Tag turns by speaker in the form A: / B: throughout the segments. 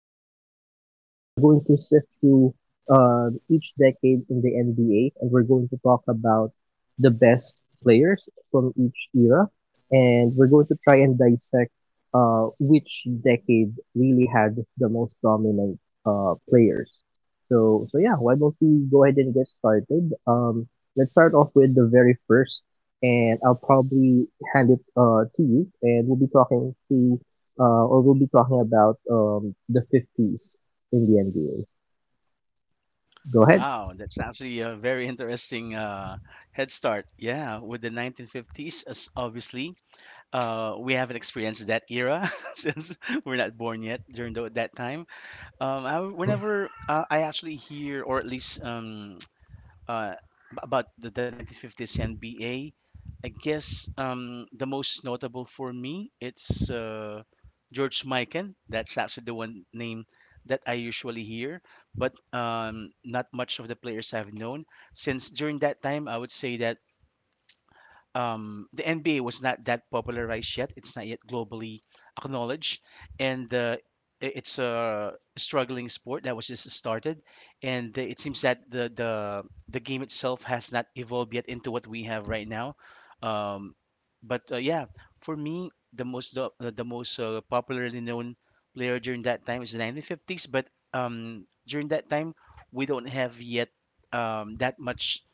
A: decades, I mean we're going to sift through each decade in the NBA, and we're going to talk about the best players from each era, and we're going to try and dissect which decade really had the most dominant players. So yeah, why don't we go ahead and get started? Let's start off with the very first, and I'll probably hand it to you, and we'll be talking about the 50s in the NBA. Go ahead.
B: Wow, that's actually a very interesting head start. Yeah, with the 1950s, as obviously, we haven't experienced that era since we're not born yet during that time. I, whenever I actually hear, or at least uh, about the 1950s NBA. I guess the most notable for me it's George Mikan. That's actually the one name that I usually hear, but not much of the players I've known since during that time. I would say that the NBA was not that popularized yet. It's not yet globally acknowledged, and it's a struggling sport that was just started. And it seems that the game itself has not evolved yet into what we have right now. Um, but uh, yeah, for me, the most popularly known player during that time is the 1950s. But during that time, we don't have yet that much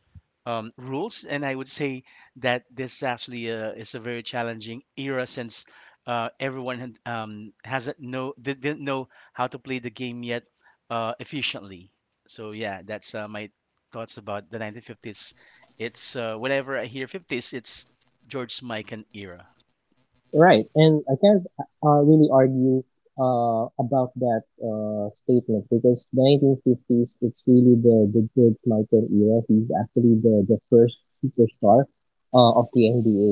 B: rules, and I would say that this actually is a very challenging era since everyone had, hasn't know they didn't know how to play the game yet efficiently. So yeah, that's my thoughts about the 1950s. It's whenever I hear 50s, it's George Mikan era.
A: Right, and I can't really argue about that statement because the 1950s, it's really the George Michael era. He's actually the first superstar of the NBA.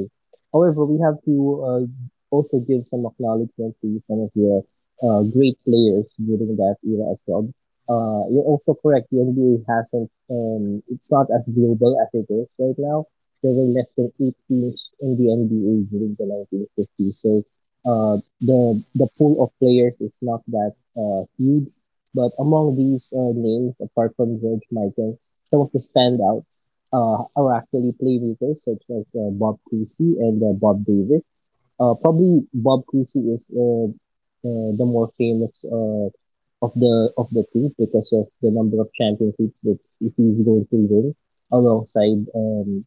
A: However, we have to uh, also give some acknowledgement to some of the great players during that era as well. You're also correct. The NBA hasn't, it's not as global as it is right now. There were less than 8 teams in the NBA during the 1950s. So the pool of players is not that huge. But among these names, apart from George Michael, some of the standouts are actually playmakers such as Bob Cousy and Bob Davis. Probably Bob Cousy is the more famous of the team because of the number of championships that he's going to win alongside um,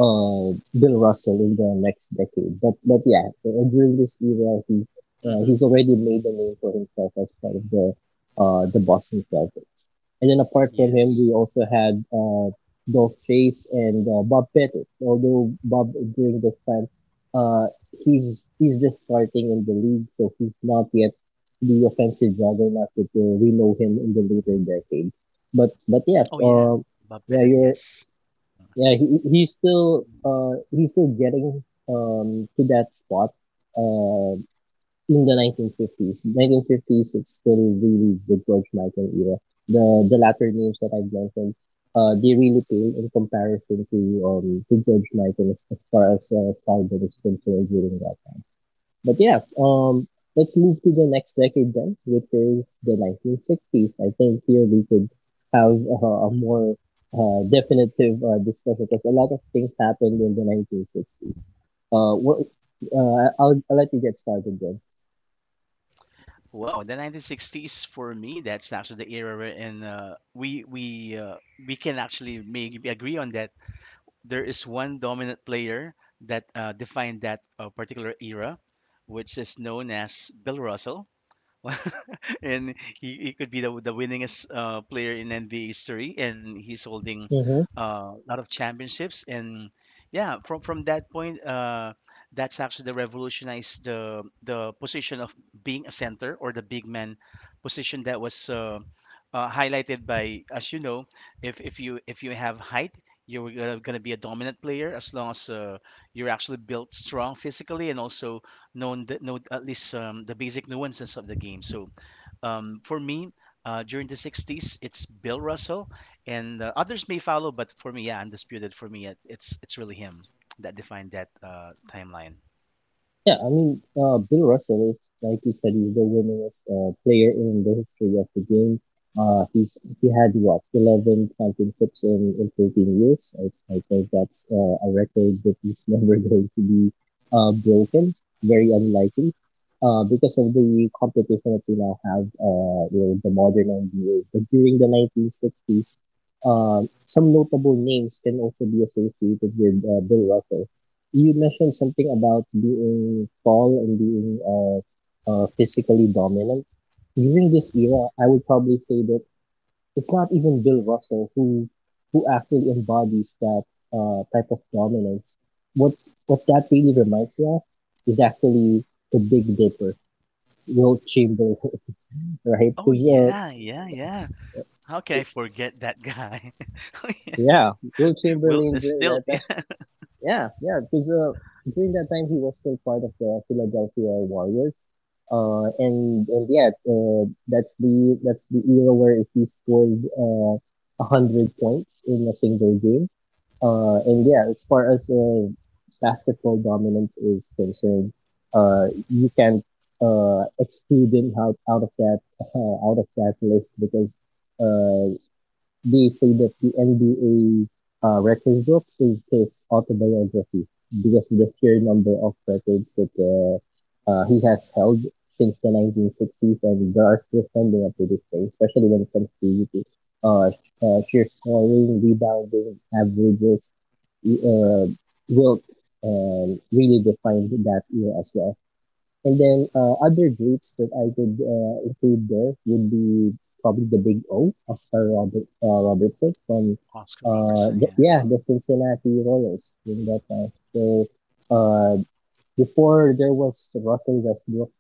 A: uh, Bill Russell in the next decade. But yeah, during this era,
B: Hmm
A: he's already made a name for himself as part of the Boston Celtics. And then apart from him, we
B: Yes.
A: also had Dolph Chase and Bob Pettit. Although Bob during this time, uh, he's just starting in the league, so he's not yet the offensive juggernaut that we know him in the later decade. But yeah,
B: Oh yeah, Bob
A: yeah,
B: Pettit.
A: you're
B: Yes.
A: yeah, he,
B: Uh-huh.
A: he's still getting to that spot uh in the 1950s. 1950s it's still really the George Michael era. The latter names that I've mentioned they really pale in comparison to George Michael as far as Stardom is concerned during that. but yeah, um, let's move to the next decade then, which is the 1960s. I think here we could have a more definitive discussion because a lot of things happened in the 1960s. Uh, what, I'll let you get started then.
B: Wow, the 1960s for me, that's actually the era where in we can actually maybe agree on that. There is one dominant player that defined that particular era, which is known as Bill Russell. And he could be the winningest player in NBA history, and he's holding
A: Mm-hmm.
B: a lot of championships. And yeah, from that point, that's actually the revolutionized the position of being a center or the big man position that was highlighted by, as you know, if you have height. You're gonna be a dominant player as long as you're actually built strong physically and also know at least the basic nuances of the game. So for me, during the 60s, it's Bill Russell, and others may follow, but for me, yeah, undisputed. For me, it's really him that defined that timeline.
A: Yeah, I mean, Bill Russell is, like you said, he's the winningest player in the history of the game. He's he had what 11 championships in 13 years. I think that's a record that is never going to be broken. Very unlikely. Because of the competition that we now have, you know, the modern NBA. But during the 1960s, some notable names can also be associated with Bill Russell. You mentioned something about being tall and being physically dominant. During this era, I would probably say that it's not even Bill Russell who actually embodies that type of dominance. What what that really reminds me of is actually the Big Dipper, Will Chamberlain, right?
B: Oh
A: Because
B: yeah, yeah, yeah. How can I forget that guy? Oh, yeah.
A: yeah, Will
B: Will
A: Chamberlain
B: the
A: during
B: Stilt?
A: that
B: Yeah.
A: Yeah, yeah, because during that time he was still part of the Philadelphia Warriors. And yeah, that's the era where if he scored 100 points in a single game. And yeah, as far as basketball dominance is concerned, you can't exclude him out of that out of that list because uh they say that the NBA record book is his autobiography because of the sheer number of records that he has held since the 1960s, and there are still standing up to this day, especially when it comes to uh, sheer scoring, rebounding, averages. Uh, Wilt really defined that era as well. And then other groups that I could include there would be probably the Big O, Robertson from
B: Oscar Robertson,
A: the Cincinnati Royals during that time. So uh, before there was Russell Westbrook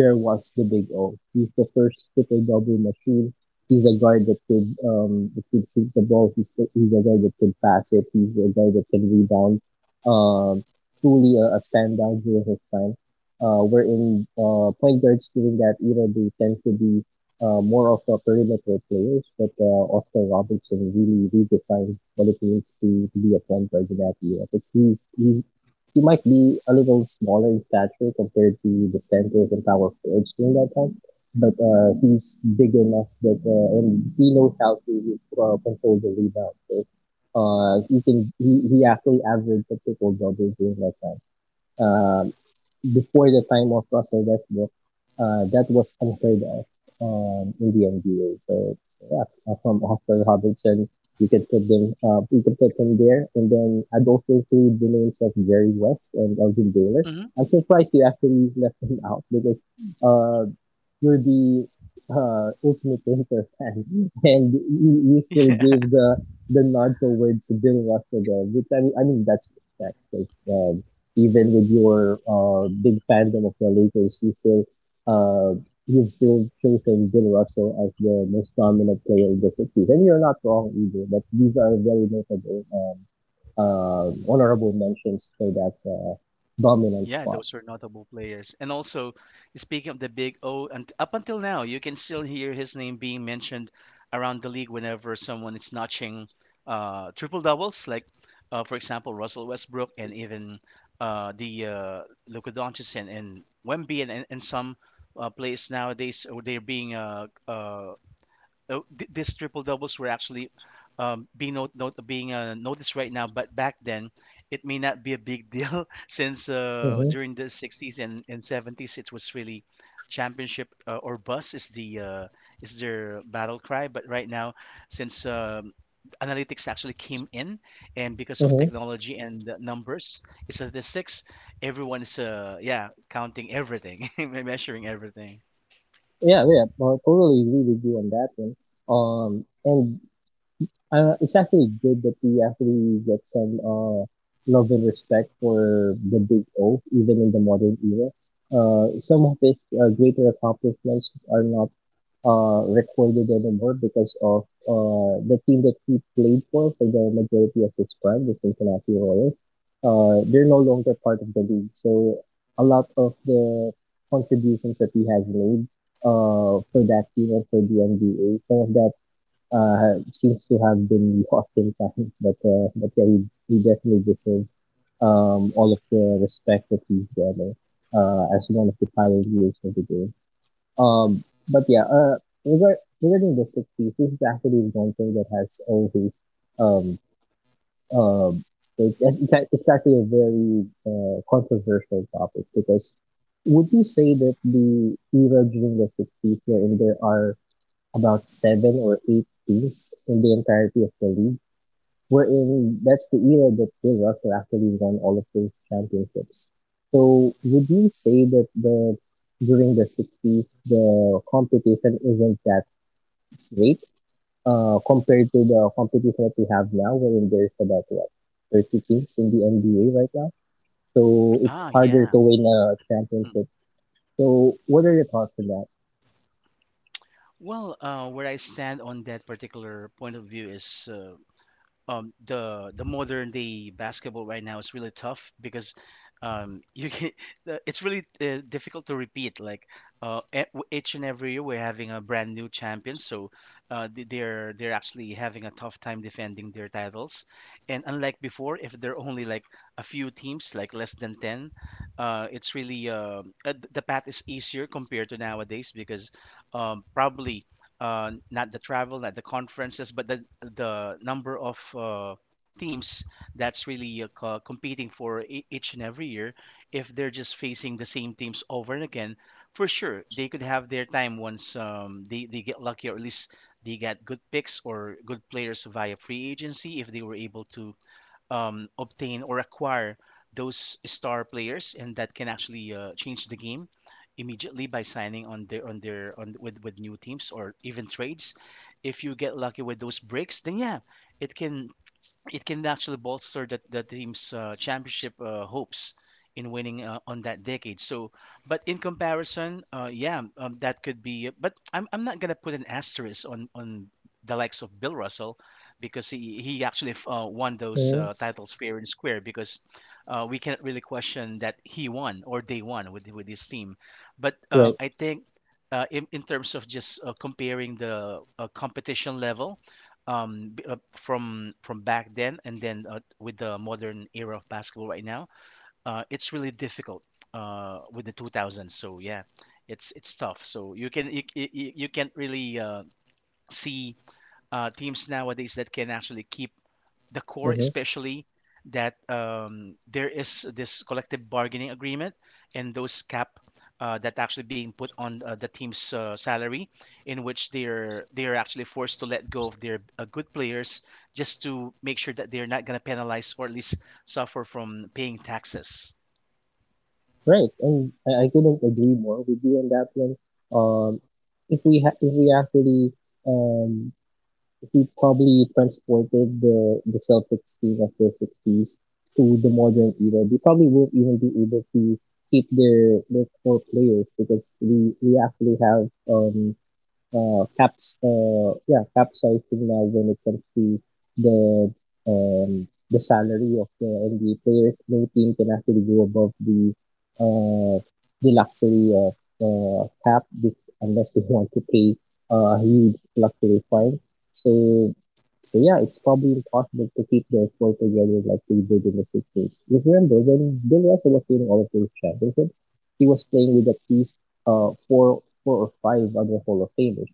A: there was the Big O. He's the first triple-double machine. He's a guard that could shoot the ball. He's a guy that could pass it. He's a guy that can rebound. Um, truly a standout during his time. Wherein point guards during that era they tend to be more of a perimeter players, but Oscar Robertson really redefined what it means to be a point guard in that era. He's he might be a little smaller in stature compared to the centers and power forwards during that time, but he's big enough that and he knows how to control the rebound. So he actually averaged a triple double during that time. Uh, before the time of Russell Westbrook, that was unheard of in the NBA. So yeah, from Oscar Robertson, you could put them there, and then I'd also include the names of Jerry West and Elgin Baylor.
B: yeah.
A: I'm surprised you actually left him out because uh, you're the ultimate Inter fan, and you still
B: hmm
A: gave the nod towards Bill Russell there, which I mean that's respect. Like, even with your big fandom of the Lakers, you still uh, you've still chosen Bill Russell as the most dominant player in the 60s. And you're not wrong either, but these are very notable, honorable mentions for that dominant
B: Yeah,
A: spot.
B: those were notable players. And also, speaking of the Big O, and up until now, you can still hear his name being mentioned around the league whenever someone is notching triple doubles, like, for example, Russell Westbrook and even the Luka Doncic and Wemby and some players nowadays, these triple doubles were actually being not, not being noticed right now, but back then it may not be a big deal since
A: Mm-hmm,
B: during the 60s and 70s it was really championship or bus is the is their battle cry. But right now, since analytics actually came in, and because of
A: mm-hmm.
B: technology and the numbers, statistics, everyone is yeah, counting everything, measuring everything.
A: Yeah, yeah, I totally agree with you on that one. And it's actually good that we actually get some love and respect for the Big O, even in the modern era. Some of his greater accomplishments are not recorded anymore because of the team that he played for the majority of his prime, the Cincinnati Royals. They're no longer part of the league, so a lot of the contributions that he has made for that team and for the NBA, some of that seems to have been lost in time. But yeah, he definitely deserves all of the respect that he's getting as one of the pioneers of the game. Um, but yeah, uh, regarding the 60s, this is actually one thing that has um, um, it's actually a very controversial topic because would you say that the era during the 60s wherein there are about seven or 8 teams in the entirety of the league were in. That's the era that Bill Russell actually won all of those championships. So would you say that the during the 60s the competition isn't that great compared to the competition that we have now, wherein there's about what 30 teams in the NBA right now? So it's
B: Ah,
A: harder
B: yeah.
A: to win a championship. So what are your thoughts on that?
B: Well, where I stand on that particular point of view is the modern day basketball right now is really tough because you can it's really difficult to repeat. Like each and every year, we're having a brand new champion, so they're actually having a tough time defending their titles. And unlike before, if there are only like a few teams, like less than ten, it's really the path is easier compared to nowadays because probably not the travel, not the conferences, but the number of teams that's really competing for each and every year. If they're just facing the same teams over and again, for sure they could have their time once they get lucky, or at least they get good picks or good players via free agency. If they were able to obtain or acquire those star players, and that can actually change the game immediately by signing on with new teams, or even trades. If you get lucky with those breaks, then yeah, it can, it can actually bolster the team's championship hopes in winning on that decade. So, but in comparison, that could be. But I'm not gonna put an asterisk on the likes of Bill Russell, because he won those
A: Mm-hmm.
B: titles fair and square, because we can't really question that he won, or they won with his team. But
A: Right.
B: I think. In terms of just comparing the competition level from back then, and then with the modern era of basketball right now, it's really difficult with the 2000s. So yeah, it's tough, so you can, you can't really see teams nowadays that can actually keep the core,
A: Mm-hmm.
B: especially that there is this collective bargaining agreement, and those cap that actually being put on the team's salary, in which they're actually forced to let go of their good players, just to make sure that they're not going to penalize, or at least suffer from paying taxes.
A: Right, and I couldn't agree more with you on that one. Um, if we actually um, if we probably transported the Celtics team of the '60s to the modern era, they probably won't even be able to keep their core players because we actually have caps capsizing now when it comes to the um, the salary of the NBA players. No team can actually go above uh, the luxury of cap with, unless they want to pay a huge luxury fine. So so yeah, it's probably impossible to keep their core together like they did in the 60s. Just remember, when Bill Russell was winning all of those championships, he was playing with at least four or 5 other Hall of Famers.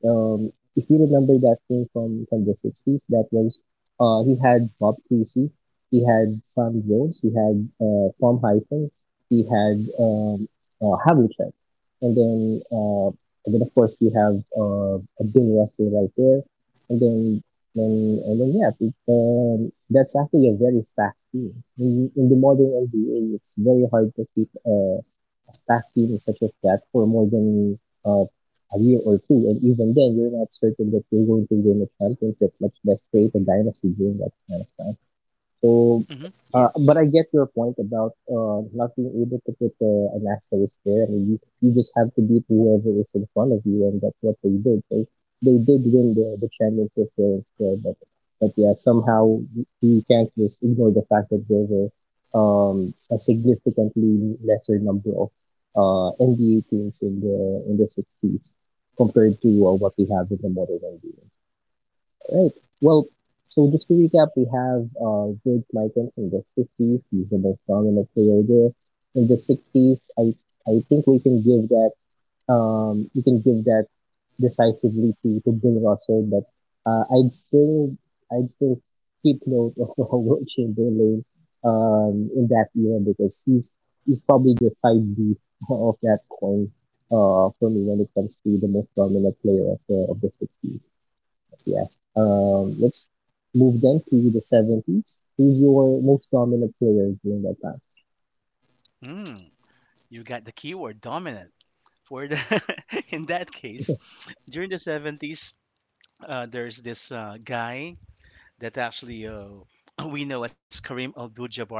A: Um, if you remember that thing from the 60s, that was he had Bob Cousy, he had Sam Jones, he had Tom Hyphen, he had Havlicek, and then uh, and then of course you have Bill Russell right there, and then so, and although, yeah, people, that's actually a very stacked team. In the modern NBA, it's very hard to keep a stacked team such as that for more than a year or two. And even then, you're not certain that you're going to win a championship, much less create a dynasty during that kind of time. So,
B: Hmm
A: but I
B: yes.
A: get your point about not being able to put an asterisk there. I mean, you just have to beat whoever is in front of you, and that's what they did. They did win the championship there, so, but yeah, somehow you can't just ignore the fact that there were a significantly lesser number of NBA teams in the 60s compared to what we have in the modern NBA. Right. Well, so just to recap, we have George Michael from the 50s. He's the most dominant player there. In the 60s, I think we can give that we can give that decisively to Bill Russell, but uh, I'd still I'd still keep note of Will Chamberlain in that era because he's probably the side B of that coin for me when it comes to the most dominant player of the 60s. Yeah. Let's move then to the 70s. Who's your most dominant player during that time?
B: mm, you got the keyword dominant for the in that case. During the 70s, there's this guy that actually we know as Kareem Abdul-Jabbar.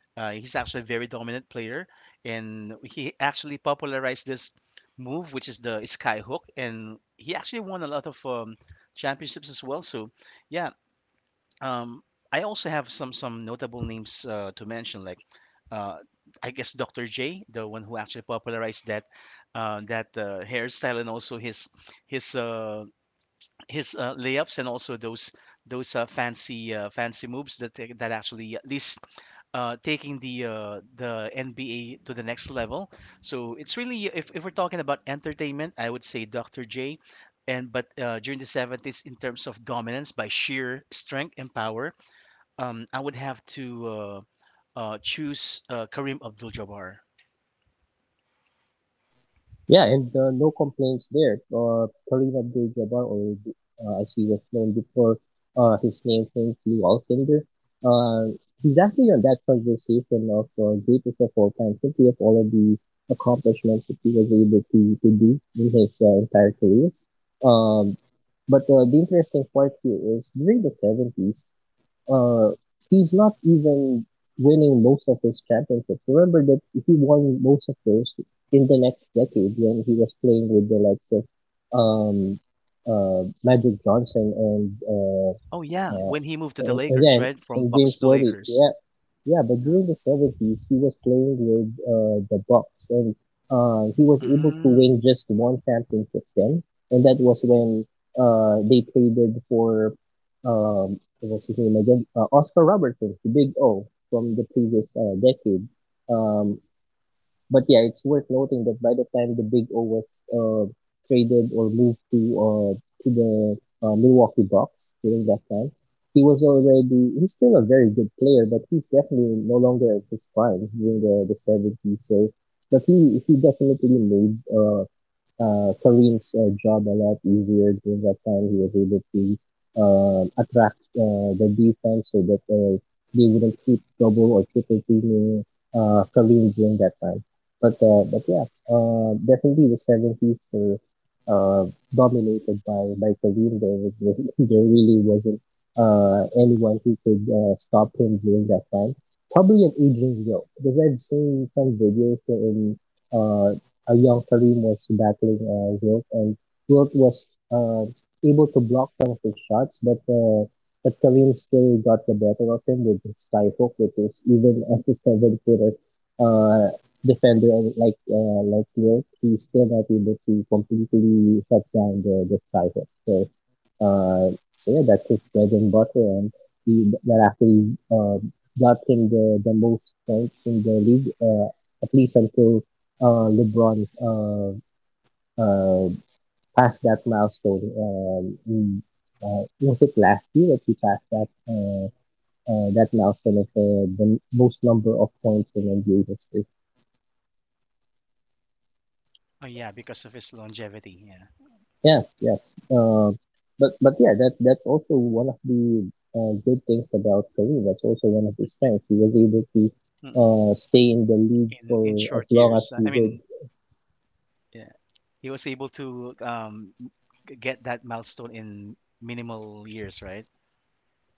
B: He's actually a very dominant player, and he actually popularized this move, which is the sky hook. And he actually won a lot of championships as well. So, yeah, um, I also have some notable names to mention, like uh, I guess Dr. J, the one who actually popularized that hairstyle, and also his uh, his layups, and also those fancy moves that actually at least taking the NBA to the next level. So it's really, if we're talking about entertainment, I would say Dr. J. And but during the 70s, in terms of dominance by sheer strength and power, I would have to choose Kareem Abdul-Jabbar.
A: Yeah, and no complaints there. Karim Abdul-Jabbar, or as he was known before, his name changed to Walsinder. Uh, he's actually on that conversation of greatest of all time, simply of all of the accomplishments that he was able to do in his entire career. Um, but the interesting part here is during the 70s, uh, he's not even winning most of his championships. Remember that he won most of those in the next decade when he was playing with the likes of um, Magic Johnson and
B: Oh yeah,
A: uh,
B: when he moved to the Lakers,
A: again,
B: right, from
A: and James
B: Bucks to
A: Worthy, yeah,
B: Lakers.
A: yeah. But
B: Yeah.
A: during the 70s, he was playing with the Bucks, and he was able to win
B: Mm.
A: just one championship then, and that was when they traded for what's his name again? Oscar Robertson, the Big O from the previous decade. Um, but yeah, it's worth noting that by the time the Big O was uh, traded or moved to the Milwaukee Bucks during that time, he was already he's still a very good player, but he's definitely no longer at his prime during the seventies. So, but he definitely made Kareem's job a lot easier during that time. He was able to attract the defense so that they wouldn't keep double or triple teaming Kareem during that time. But yeah, definitely the 70s were uh, dominated by Kareem. There really wasn't anyone who could stop him during that time. Probably an aging Joe, because I've seen some videos in uh, young Karim was battling Wilt, and Wilt was able to block some of his shots, but Karim still got the better of him with his spy hook, which is even as a seven footer uh, defender like Wilt, he's still not able to completely shut down the spy hook. So uh, so yeah, that's his bread and butter, and he thereafter he got him the most points in the league, at least until LeBron uh, passed that milestone. Was it last year that he passed that that milestone of the most number of points in NBA history?
B: Oh yeah, because of his longevity. Yeah.
A: Yeah, yeah. Uh, but yeah, that that's also one of the good things about Karim. That's also one of his strengths. He was able to
B: Mhm.
A: stay in the league
B: In
A: for as
B: short
A: long as
B: years.
A: he
B: I
A: did.
B: mean, yeah, he was able to get that milestone in minimal years, right?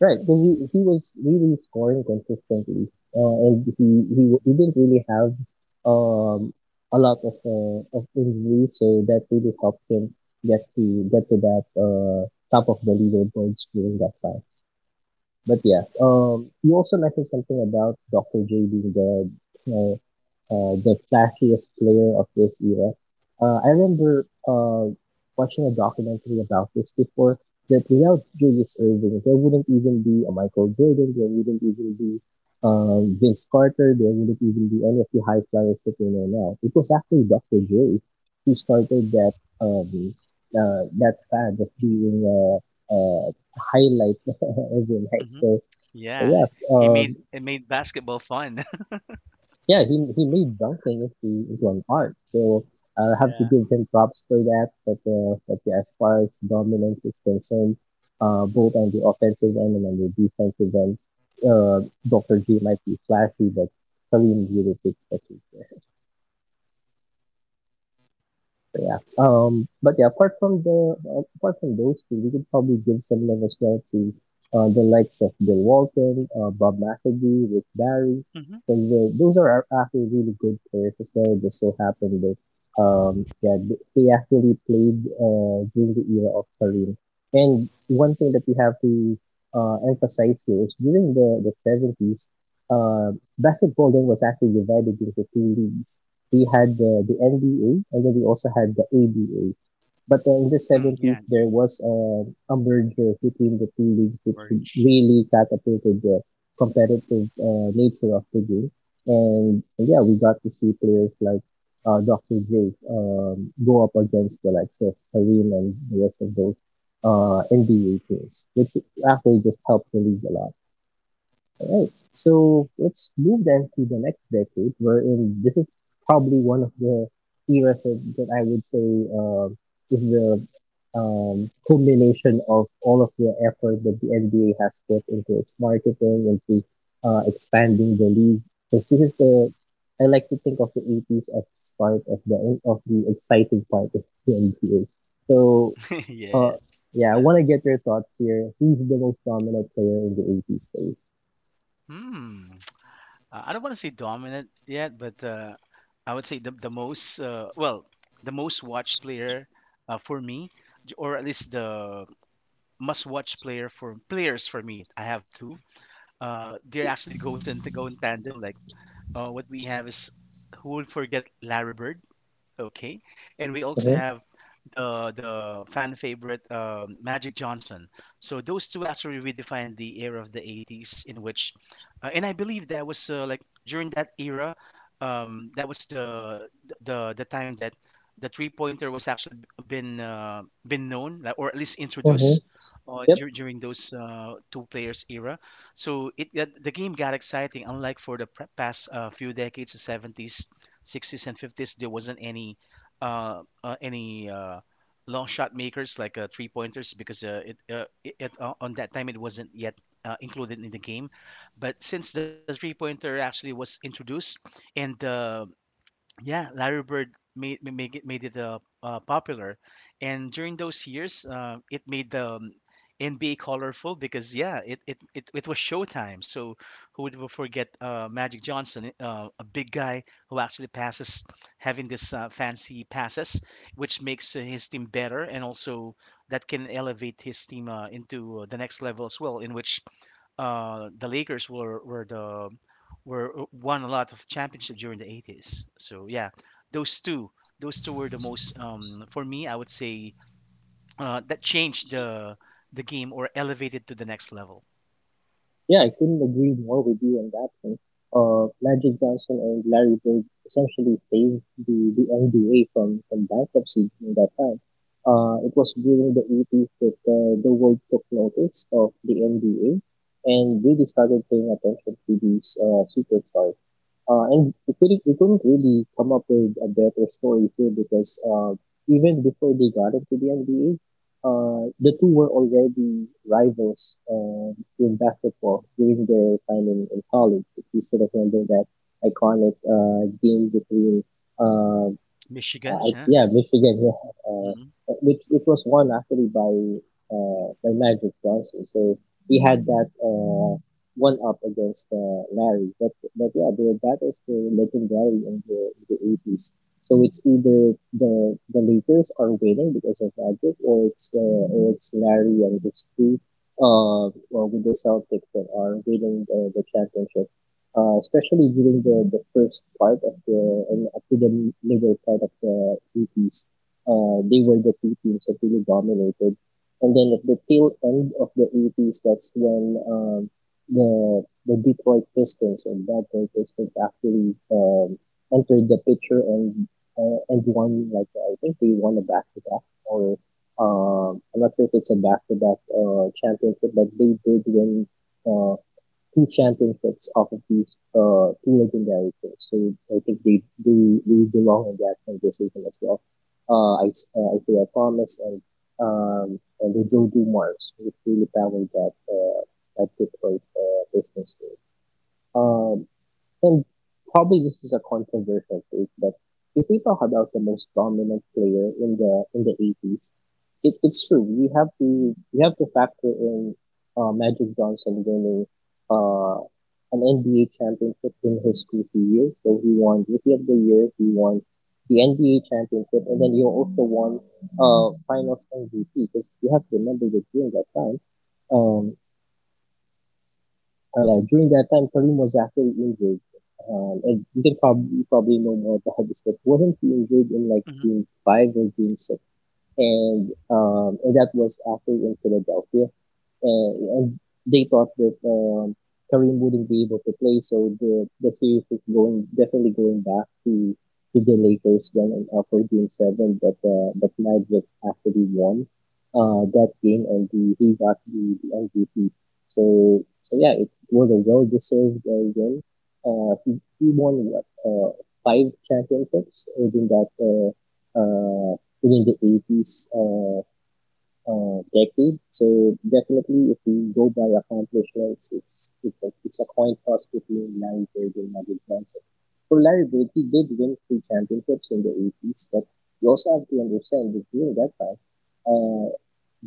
A: Right, because he was really scoring consistently, and he didn't really have um, a lot of injuries, so that really helped him get to that top of the leaderboards during that time. But yeah, you also mentioned something about Dr. J being uh, the flashiest player of this era. I remember watching a documentary about this before that without Julius Erving, there wouldn't even be a Michael Jordan, there wouldn't even be Vince Carter, there wouldn't even be any of the high flyers that we know now. It was actually Dr. J who started that um, that fad of being uh, highlight every night.
B: hmm
A: So but
B: Yeah,
A: yeah,
B: he
A: um,
B: made basketball fun.
A: yeah, he made dunking into an art. So I have to
B: Yeah.
A: give him props for that. But yeah, as far as dominance is concerned, both on the offensive end and on the defensive end, uh, Doctor J might be flashy, but Kareem really takes the cake there. So, yeah. But yeah, apart from those two, we could probably give some love as well to the likes of Bill Walton, Bob McAdoo, Rick Barry,
B: hmm
A: because those are actually really good players as well. It just so happened that yeah, they actually played during the era of Kareem. And one thing that we have to emphasize here is during the seventies, basketball then was actually divided into two leagues we had the NBA and then we also had the ABA. But in the
B: Mm,
A: 70s,
B: yeah,
A: there was a merger between the two leagues, which
B: merge.
A: really catapulted the competitive nature of the game. And yeah, we got to see players like Dr. J go up against the likes of Kareem and the rest of those NBA teams, which actually just helped the league a lot. Right. So let's move then to the next decade, wherein this is probably one of the eras that I would say um is the culmination of all of the effort that the NBA has put into its marketing, into expanding the league. Because this is the, I like to think of the 80s as part of the exciting part of the NBA. So,
B: yeah.
A: uh, yeah, I want to get your thoughts here. Who's the most dominant player in the 80s? Space?
B: Hmm. I don't want to say dominant yet, but I would say the most the most watched player, for me, or at least the must watch players for me. I have two. Uh, they actually goes in to go in tandem. Like what we have is, who would forget Larry Bird, okay, and we also
A: Uh-huh.
B: have the fan favorite Magic Johnson. So those two actually redefined the era of the 80s, in which, and I believe that was like during that era, that was the time that the three pointer was actually been known, like, or at least
A: Mm-hmm.
B: introduced.
A: Yep.
B: During those two players era, so it the game got exciting. Unlike for the past few decades, the 70s, 60s and 50s, there wasn't any uh, uh any uh long shot makers like three pointers, because on that time it wasn't yet included in the game. But since the three pointer actually was introduced, and yeah, Larry Bird made it popular, and during those years, it made the NBA colorful, because yeah, it was showtime. So who would forget Magic Johnson, a big guy who actually passes, having this fancy passes, which makes his team better, and also that can elevate his team into the next level as well, in which the Lakers were the were won a lot of championships during the 80s. So yeah, those two those two were the most, for me, I would say that changed the game, or elevated to the next level.
A: Yeah, I couldn't agree more with you on that one. Magic Johnson and Larry Bird essentially saved the NBA from bankruptcy in that time. It was during the 80s that the world took notice of the NBA and really started paying attention to these superstars. And we couldn't really come up with a better story here because even before they got into the NBA, the two were already rivals in basketball during their time in college. If you sort of remember that iconic game between uh,
B: Michigan,
A: I,
B: huh?
A: yeah, Michigan. Yeah, uh,
B: Mm-hmm.
A: which it was won actually by Magic Johnson. So he had that one up against Larry. But yeah, their battles were legendary in the in the 80s. So it's either the Lakers are winning because of Magic, or it's Larry and it's two well, with the Celtics that are winning the championship especially during the first part of the and up to the middle part of the 80s, they were the two teams that really dominated. And then at the tail end of the 80s, that's when the Detroit Pistons and Bad Boy Pistons actually entered the picture and won like I think they won a back to back or I'm not sure if it's a back to back championship, but they did win uh, two championships off of these two legendary pairs. So I think they belong in that conversation as well. I Isaiah Thomas and the Joe Dumars, which really powered that that Detroit business. Um, and probably this is a controversial take, but if we talk about the most dominant player in the 80s, it's true. We have to factor in Magic Johnson winning uh, an NBA championship in his rookie year. So he won Rookie of the Year. He won the NBA championship, and then he also won Finals MVP. Because you have to remember that during that time, um, oh, yeah, during that time, Karim was actually injured. And you probably know more about this, but wasn't he injured in like game five or game six? And that was actually in Philadelphia, uh, and they thought that Kareem wouldn't be able to play, so the series was going definitely going back to the Lakers then, for Game 7, but Magic actually won that game and he got the MVP. So, yeah, it was a well deserved win. Uh, he, he won, what, five championships within that uh, within the 80s decade. So definitely, if we go by accomplishments, it's a coin toss between Larry Bird and Magic Johnson. For Larry Bird, he did win three championships in the 80s, but you also have to understand that during that time, uh,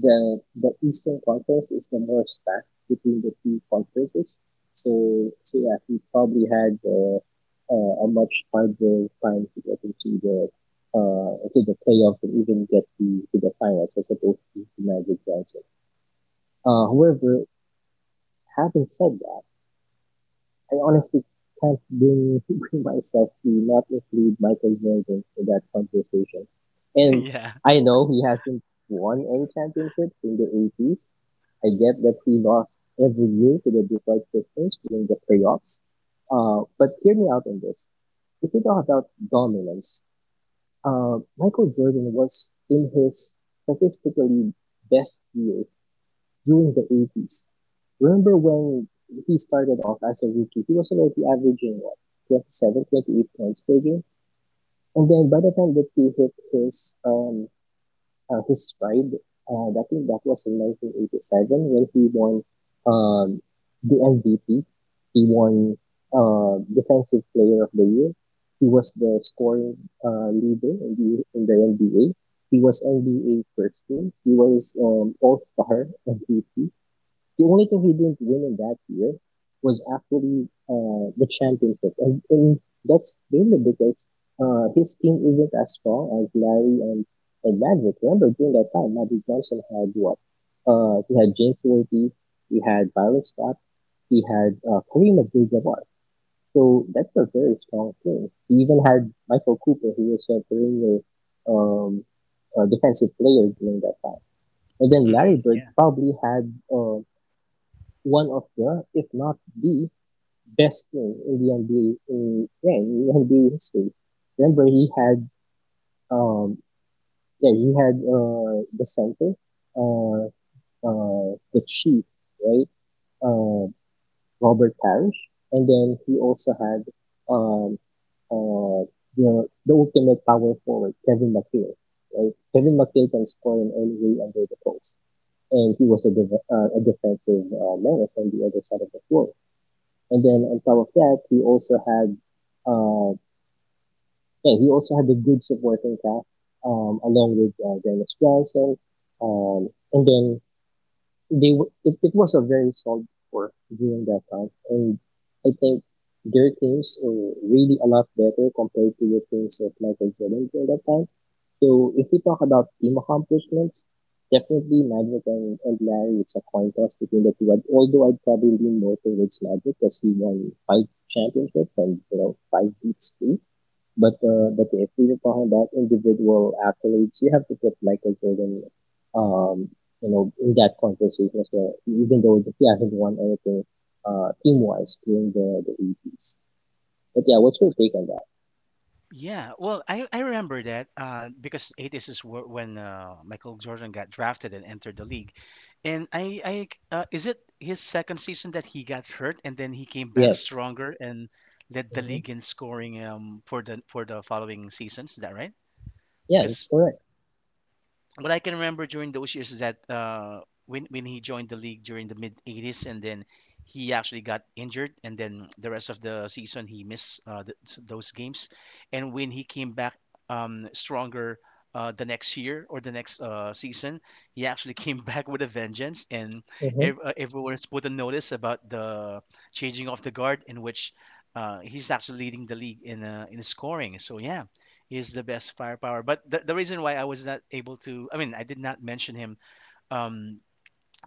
A: the Eastern Conference is the more stacked between the two conferences. So, yeah, he probably had a much harder time to get into the to the playoffs and even get to the finals as opposed to Magic Johnson. However, having said that, I honestly can't bring myself to not include Michael Jordan in that conversation. And
B: yeah.
A: I know he hasn't won any championships in the 80s. I get that he lost every year to the Detroit Pistons during the playoffs. But hear me out on this. If you talk about dominance, Michael Jordan was in his statistically best year during the 80s. Remember, when he started off as a rookie, he was already averaging, what, 27, 28 points per game? And then by the time that he hit his stride, I think that was in 1987 when he won um the MVP. He won Defensive Player of the Year. He was the scoring leader in the NBA. He was NBA First Team. He was All Star MVP. The only thing he didn't win in that year was actually the championship, and that's mainly because his team isn't as strong as Larry and Magic. Remember, during that time, Magic Johnson had what? He had James Worthy, he had Byron Scott, he had Kareem Abdul-Jabbar. So that's a very strong team. He even had Michael Cooper, who was a perennial um, defensive player during that time. And then
B: hmm
A: Larry Bird
B: Yeah.
A: probably had one of the, if not the best thing in the NBA in the NBA history. Remember, um, yeah, he had the center, uh, the chief, right, uh, Robert Parrish, and then he also had um, uh, the ultimate power forward, Kevin McHale. Right? Kevin McHale can score in any way under the post, and he was a defensive menace on the other side of the floor. And then on top of that, uh, yeah, he also had the good supporting cast, along with Dennis Johnson, and then it was a very solid four during that time, and I think their teams were really a lot better compared to the teams of Michael Jordan during that time. So if we talk about team accomplishments, definitely Magic and Larry, it's a coin toss between the two. Although I'd probably lean more towards Magic because he won five championships and five beats too. But if we are talking about individual athletes, you have to put Michael Jordan, um, in that conversation as well. Even though he hasn't won anything team wise during the eighties. But yeah, what's your take on that?
B: Yeah, well, I remember that because 80s is when Michael Jordan got drafted and entered the league. And I Is it his second season that he got hurt and then he came back
A: Yes.
B: stronger and led the
A: Hmm.
B: league in scoring for the following seasons? Is that right?
A: Yeah, it's
B: Because
A: correct.
B: what I can remember during those years is that when he joined the league during the mid '80s, and then he actually got injured, and then the rest of the season he missed those games, and when he came back stronger. The next year or the next season, he actually came back with a vengeance, and
A: Hmm.
B: everyone has put a notice about the changing of the guard, in which he's actually leading the league in in scoring. So yeah, is the best firepower. But the reason why I was not able to, I mean, I did not mention him um,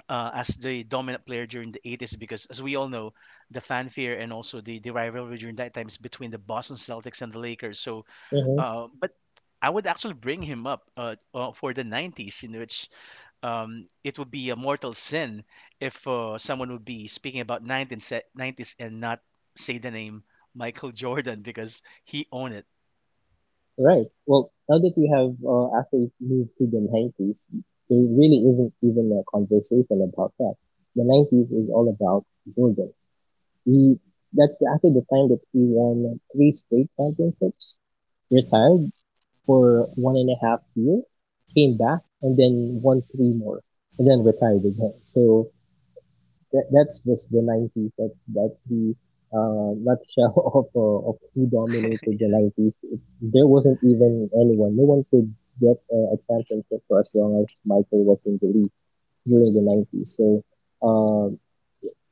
B: as the dominant player during the 80s because, as we all know, the fanfare and also the rivalry during that time is between the Boston Celtics and the Lakers. So,
A: Hmm.
B: but I would actually bring him up for the 90s, in which it would be a mortal sin if someone would be speaking about 19 90s and not say the name Michael Jordan because he owned it.
A: Right. Well, now that we have actually moved to the 90s, there really isn't even a conversation about that. The 90s is all about Jordan. He that's actually the time that he won three straight championships, retired for 1.5 year, came back, and then won three more, and then retired again. So that's just the 90s. That's the nutshell of who dominated the
B: Yeah.
A: 90s. There wasn't even anyone. No one could get a championship for as long as Michael was in the league during the 90s. So uh,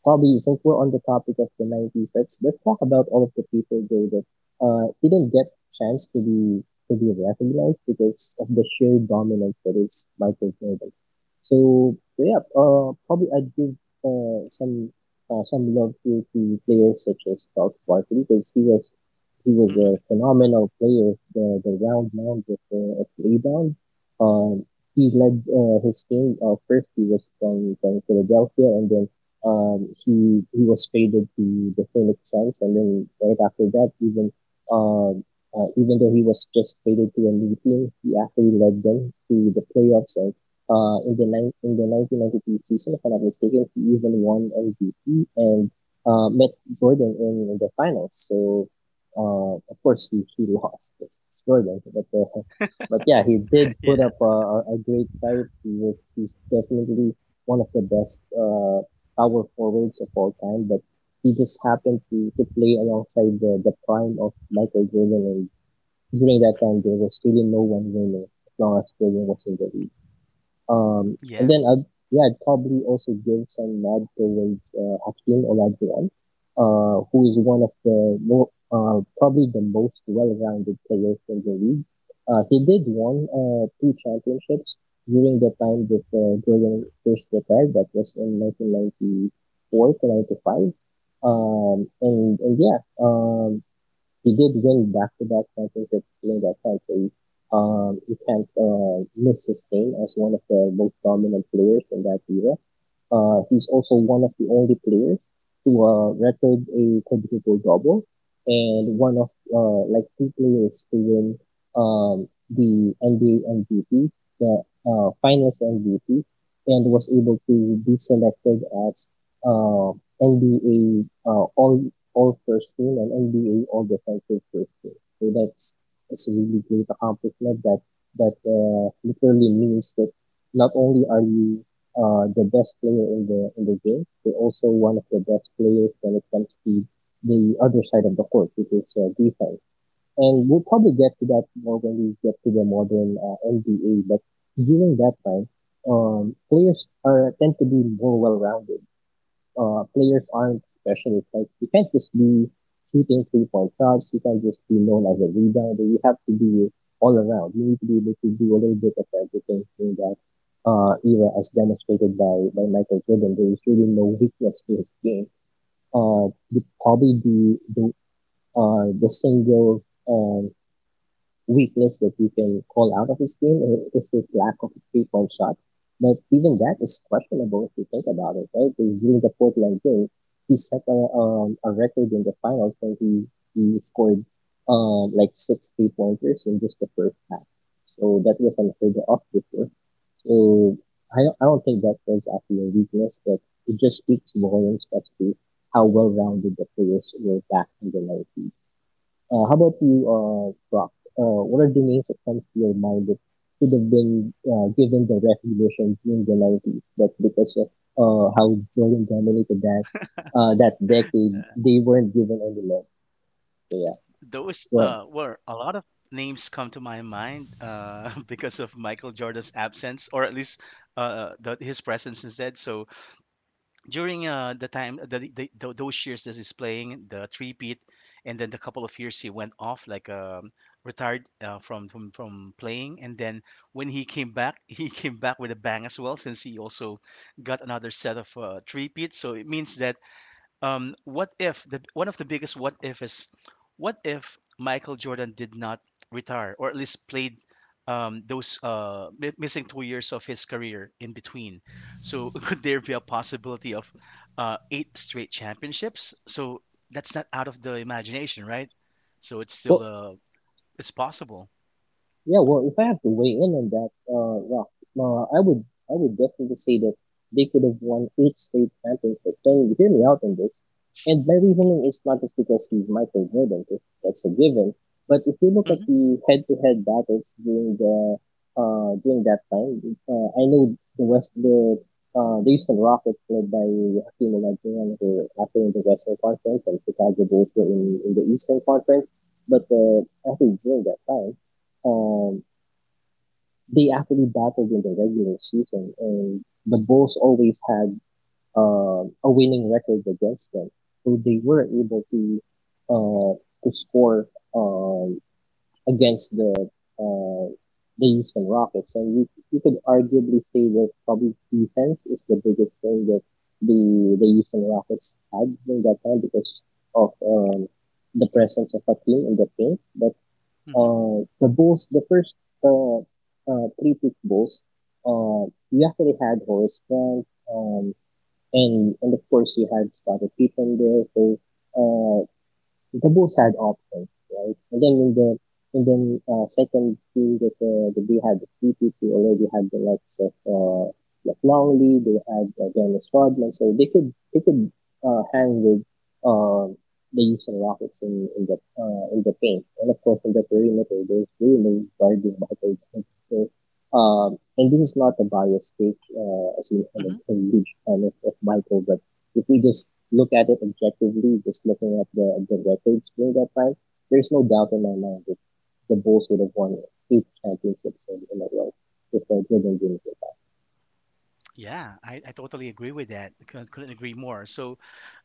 A: Bobby, since we're on the topic of the 90s, let's talk about all of the people though that didn't get chance to be recognized because of the sheer dominance that is Michael Jordan. So, yeah, probably I'd give some love here to players such as Charles Barkley because he was a
B: Hmm.
A: phenomenal player. The round mound of the rebound. Um, he led his team. First, he was from Philadelphia, and then he was traded to the Phoenix Suns, and then right after that, um, even though he was just traded to a new team, he actually led them to the playoffs. And in the nine in the 1992 season, if I'm not mistaken, he even won MVP and met Jordan in the finals. So, of course he lost. It's Jordan, but yeah, he did put
B: Yeah.
A: up a great fight. He's definitely one of the best power forwards of all time, but he just happened to play alongside the prime of Michael Jordan. And during that time, there was really no one winner as long as Jordan was in the league. And
B: Yeah.
A: then I'd probably also give some nod towards Hakeem Olajuwon, who is one of the more, probably the most well-rounded players in the league. He did won two championships during the time that Jordan first retired. That was in 1994 to 95. And yeah, he did win back-to-back championships during that time, so you can't miss his name as one of the most dominant players in that era. He's also one of the only players to record a quadruple double and one of two players to win the NBA MVP, the Finals MVP, and was able to be selected as uh, NBA All First Team and NBA All Defensive First Team. So that's it's a really great accomplishment that that literally means that not only are you the best player in the game. They're also one of the best players when it comes to the other side of the court, which is defense. And we'll probably get to that more when we get to the modern NBA. But during that time, players are tend to be more well-rounded. Players aren't specialists. Like you can't just be shooting 3-point shots. You can't just be known as a rebounder. You have to be all around. You need to be able to do a little bit of everything in that era, as demonstrated by Michael Jordan. There is really no weakness to his game. Uh, Probably the single um, weakness that you can call out of his game is his lack of 3-point shot. But even that is questionable if you think about it, right? During the Portland game, he set a record in the finals when he scored six 3-pointers in just the first half. So that was unheard of before. So I don't think that was actually a weakness, but it just speaks volumes as to how well rounded the players were back in the 90s. How about you, Brock? What are the names that comes to your mind that should have been given the recognition during the 90s, but because of how Jordan dominated that decade, they weren't given any love. So yeah,
B: Those
A: go ahead.
B: were a lot of names come to my mind because of Michael Jordan's absence, or at least the, his presence instead. So during the time the those years that he's playing the three-peat and then the couple of years he went off, like retired from from playing, and then when he came back he came back with a bang as well, since he also got another set of three-peat. So it means that what if, the one of the biggest what if is, what if Michael Jordan did not retire or at least played missing two years of his career in between? So could there be a possibility of eight straight championships? So that's not out of the imagination, right? So it's still
A: What
B: it's possible.
A: Yeah, well, if I have to weigh in on that, I would definitely say that they could have won eight straight championships. Can you hear me out on this? And my reasoning is not just because he's Michael Jordan, if that's a given, but if you look
B: Hmm.
A: at the head-to-head battles during that time, I know the Houston Rockets led by Hakeem Olajuwon were actually in the Western Conference and Chicago Bulls were in the Eastern Conference, but, actually during that time, um, they actually battled in the regular season, and the Bulls always had a winning record against them, so they were able uh, to score um, against uh, the Houston Rockets, and you could arguably say that probably defense is the biggest thing that the Houston Rockets had during that time because of the presence of a team in the paint, but
B: Hmm.
A: the bulls, the first uh, three peak bulls, you actually had Horace Grant, um, and of course you had Scottie Pippen there. So uh, the both had options, right? And then in the second team that the B had the PP, they already had the likes of Longley, they had Dennis Rodman, so they could hang with uh, the Houston Rockets in the in the paint, and of course in the perimeter there's really no guarding Michael Jordan. So and this is not a biased take, as you kind of
B: Hmm.
A: a huge fan of Michael, but if we just look at it objectively, just looking at the records during that time, there's no doubt in my mind that the Bulls would have won eight championships in a row if Jordan didn't get that.
B: Yeah, I totally agree with that. I couldn't agree more. So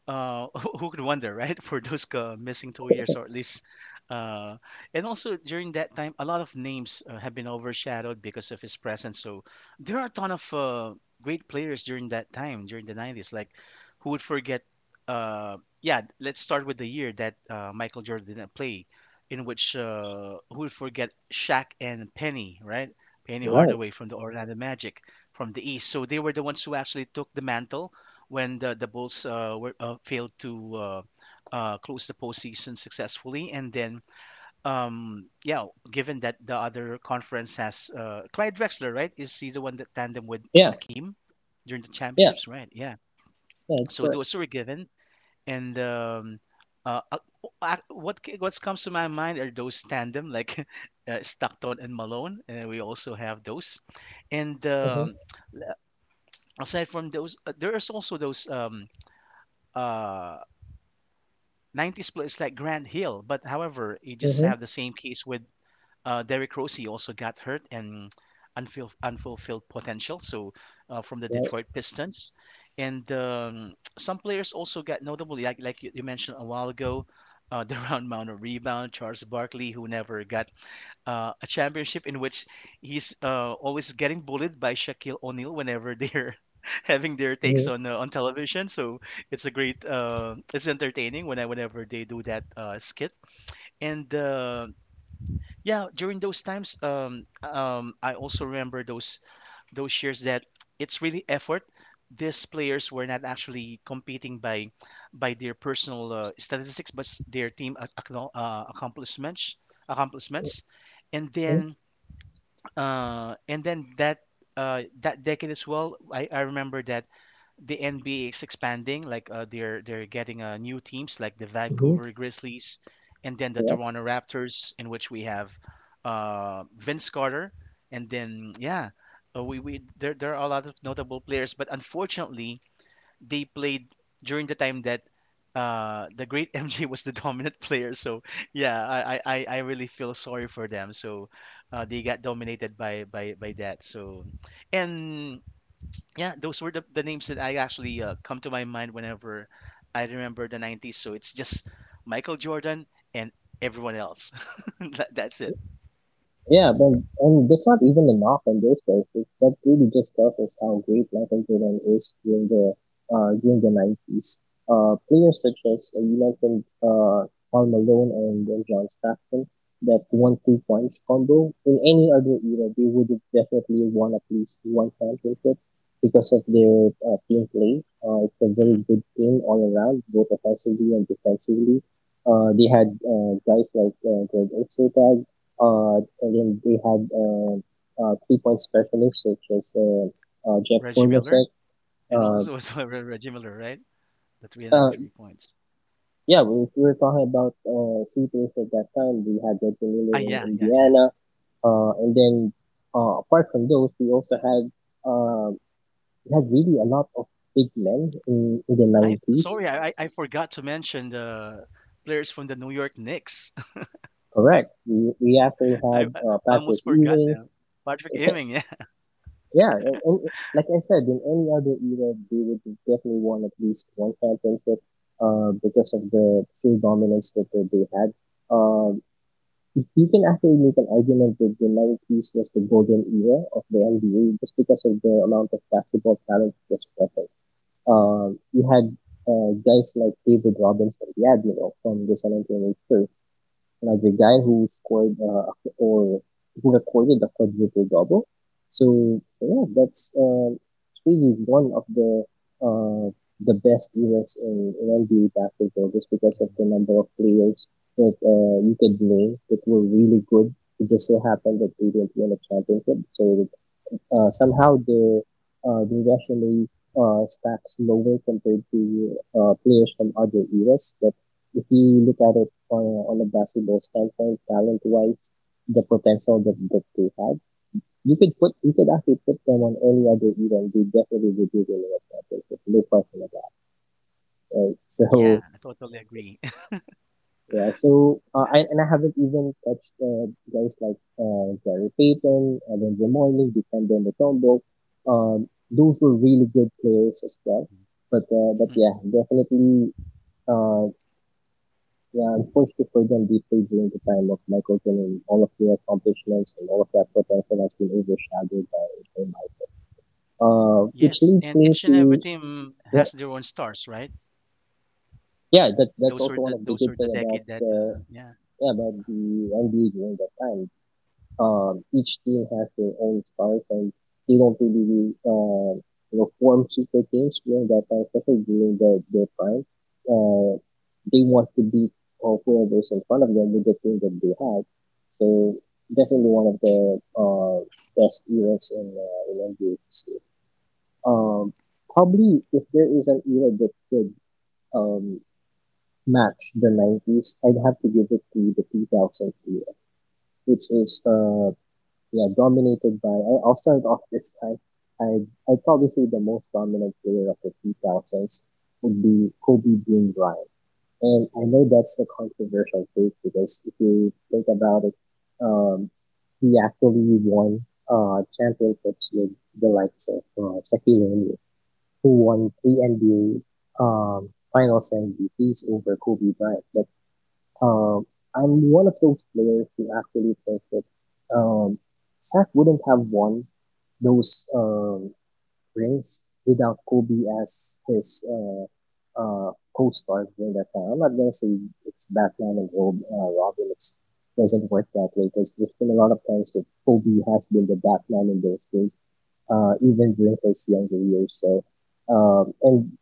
B: uh, who could wonder, right? For those missing two years, or at least, uh, and also during that time, a lot of names have been overshadowed because of his presence. So there are a ton of great players during that time, during the '90s. Like, who would forget? Yeah, let's start with the year that Michael Jordan didn't play, in which who would forget Shaq and Penny, right? Penny
A: Right.
B: Hardaway from the Orlando Magic from the East. So they were the ones who actually took the mantle when the Bulls were failed to close the postseason successfully, and then yeah, given that the other conference has Clyde Drexler, right? Is he the one that tandem with
A: Yeah,
B: Akeem during the
A: yeah,
B: championships, right? Yeah.
A: yeah. It's
B: So
A: correct.
B: those were given, and uh, uh, what what comes to my mind are those tandem like Stockton and Malone, and we also have those. And
A: Mm-hmm.
B: aside from those, there is also those uh, 90 split is like Grant Hill, but however, you just
A: Mm-hmm.
B: have the same case with Derrick Rose. He also got hurt and unfulfilled potential. So from the
A: Right.
B: Detroit Pistons, and some players also got notably, like you mentioned a while ago, the round mound rebound Charles Barkley who never got a championship, in which he's always getting bullied by Shaquille O'Neal whenever they're having their
A: Mm-hmm.
B: takes on television. So it's a great, it's entertaining when I, whenever they do that skit. And yeah, during those times, I also remember those years that it's really effort. These players were not actually competing by their personal statistics, but their team accomplishments. And then that that decade as well, I remember that the NBA is expanding. Like they're getting new teams, like the
A: Mm-hmm.
B: Vancouver Grizzlies, and then the
A: Right.
B: Toronto Raptors, in which we have Vince Carter. And then yeah, we there there are a lot of notable players, but unfortunately, they played during the time that the great MJ was the dominant player. So yeah, I I really feel sorry for them. So they got dominated by that. So and yeah, those were the names that I actually come to my mind whenever I remember the 90s. So it's just Michael Jordan and everyone else. That's it.
A: Yeah, but and that's not even a knock on those guys. That really just tells us how great Michael Jordan is during the 90s. Players such as you mentioned Karl Malone and John Stockton, that one-two punch combo. In any other era, they would have definitely won at least one championship because of their team play. It's a very
B: Hmm.
A: good team all around, both offensively and defensively. They had guys like Greg Ostertag, uh, and then we had three point specialists such as Jeff
B: Reggie Miller
A: Hornacek.
B: and
A: Uh,
B: also, also Reggie Miller, right? The three and
A: uh,
B: average three points.
A: yeah, we were talking about CPAs at that time. We had Reggie
B: Ah,
A: Miller in
B: yeah, yeah, yeah.
A: Indiana. And then apart from those, we also had uh, we had really a lot of big men in the
B: I
A: 90s.
B: sorry, I forgot to mention the players from the New York Knicks.
A: Correct. We actually
B: I,
A: had
B: I
A: Patrick
B: almost forgot
A: Ewing.
B: them. Patrick Ewing, yeah.
A: Yeah, and like I said, in any other era, they would definitely won at least one championship because of the sheer dominance that they had. Um, if you can actually make an argument that the 90s was the golden era of the NBA just because of the amount of basketball talent that was present. You had guys like David Robinson, yeah, you know, from the San Antonio Spurs, like the guy who scored or who recorded the quadruple double. So yeah, that's it's really one of uh, the best eras in NBA basketball just because of
B: Mhm.
A: the number of players that you could name that were really good. It just so happened that they didn't win a championship, so somehow their resume stacks lower compared to players from other eras. But if you look at it on a basketball standpoint, talent wise, the potential that, that they had, you could actually put them on any other era and they definitely would be winning a championship. No question about that. Right?
B: Yeah,
A: So
B: I totally agree.
A: yeah, so I and I haven't even touched guys like Gary Payton, Alonzo Mourning, Dikembe Mutombo. Those were really good players as well. But yeah,
B: Mhm.
A: definitely. Uh, yeah, unfortunately for them, deeply during the time of Michael Jordan. All of their accomplishments and all of that potential has been overshadowed by Michael. Which
B: Yes,
A: leads
B: and
A: me
B: each and every
A: to
B: team
A: yeah,
B: has their own stars, right?
A: yeah. That that's also one of the
B: Those
A: good
B: were the
A: thing about
B: decade that yeah,
A: yeah about the NBA during that time. Um, each team has their own stars, and they don't really, you know, form super teams during that time, especially during the, their prime. Uh, they want to beat or whoever's in front of them with the team that they had. So definitely one of the best eras in NBA history. Um, probably if there is an era that could um, match the 90s, I'd have to give it to the 2000s era, which is yeah, dominated by. I- I'll start off this time. I'd probably say the most dominant player of the 2000s would be Kobe Bean Bryant. And I know that's a controversial take because if you think about it, um, he actually won championships with the likes of Shaquille O'Neal, who won three NBA Finals MVPs over Kobe Bryant. But um, I'm one of those players who actually think that um, Shaq wouldn't have won those rings without Kobe as his co-star during that time. I'm not gonna say it's Batman and Robin. It doesn't work that way because there's been a lot of times that Kobe has been the Batman in those days, even during his younger years. So, and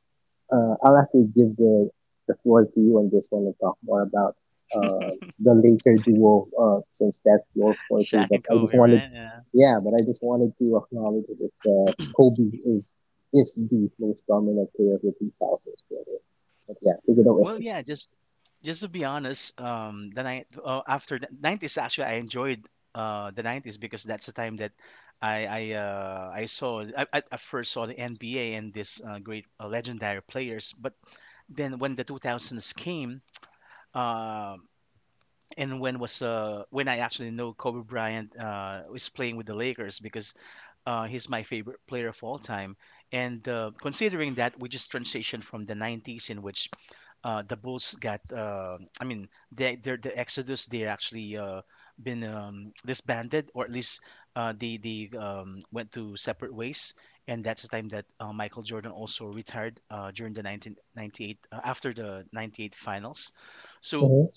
A: I'll actually give the floor to you on this one and talk more about the later duo since that's your forte.
B: Shaq
A: But
B: and
A: I just
B: Kobe,
A: wanted,
B: right? Yeah.
A: yeah, but I just wanted to acknowledge that Kobe is the most dominant player of the 2000s. Really. But yeah, take it away.
B: Well, yeah, just to be honest, the night after the 90s, actually, I enjoyed the 90s, because that's the time that I first saw the NBA and this great legendary players. But then when the two thousands came, uh, and when was when I actually know Kobe Bryant was playing with the Lakers, because he's my favorite player of all time. And considering that we just transitioned from the 90s, in which the Bulls got. I mean, they they're the Exodus. They're actually been disbanded, or at least they went to separate ways. And that's the time that Michael Jordan also retired during the 1998, after the 98 finals. So
A: Mm-hmm.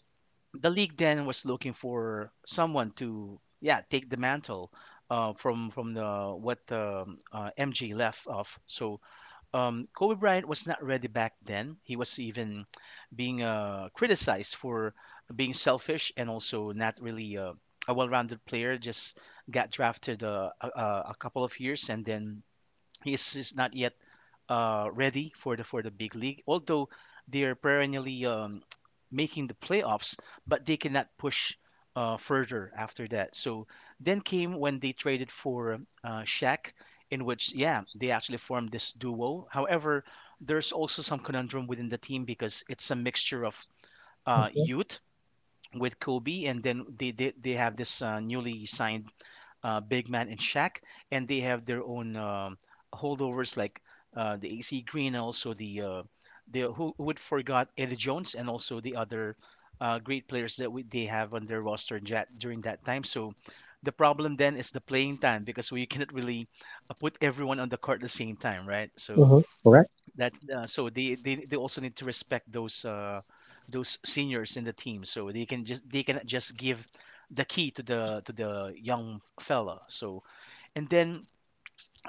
B: the league then was looking for someone to, yeah, take the mantle from the what MJ left off. So Kobe Bryant was not ready back then. He was even being criticized for being selfish and also not really a well-rounded player. Just got drafted a couple of years, and then he's not yet ready for the big league. Although they're perennially making the playoffs, but they cannot push further after that. So then came when they traded for Shaq, in which yeah they actually formed this duo. However, there's also some conundrum within the team, because it's a mixture of
A: Mm-hmm.
B: youth with Kobe, and then they have this newly signed Big Man and Shaq, and they have their own holdovers like the AC Green, and also the who would forgot Eddie Jones, and also the other great players that they have on their roster in during that time. So the problem then is the playing time, because we cannot really put everyone on the court at the same time, right? So
A: Mm-hmm. Correct.
B: that so they also need to respect those seniors in the team. So they can just, they cannot just give the key to the young fella. So and then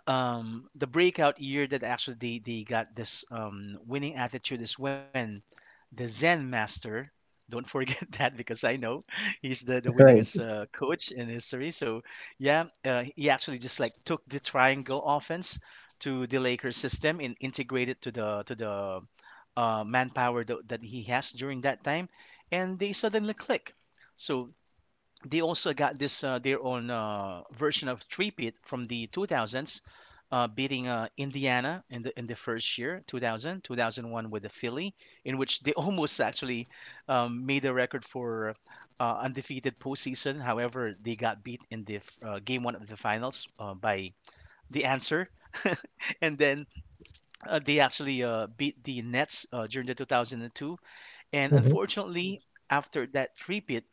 B: the breakout year that actually they got this winning attitude is when the Zen master, don't forget that, because I know he's the winningest
A: Right.
B: coach in history, so yeah he actually just like took the triangle offense to the Lakers system, and integrated to the manpower that he has during that time, and they suddenly click. So they also got this their own version of Threepit from the 2000s, beating Indiana in the first year, 2000, 2001 with the Philly, in which they almost actually made a record for undefeated postseason. However, they got beat in the game one of the finals by the answer, and then they actually beat the Nets during the 2002. And
A: Mm-hmm.
B: unfortunately, after that Threepit,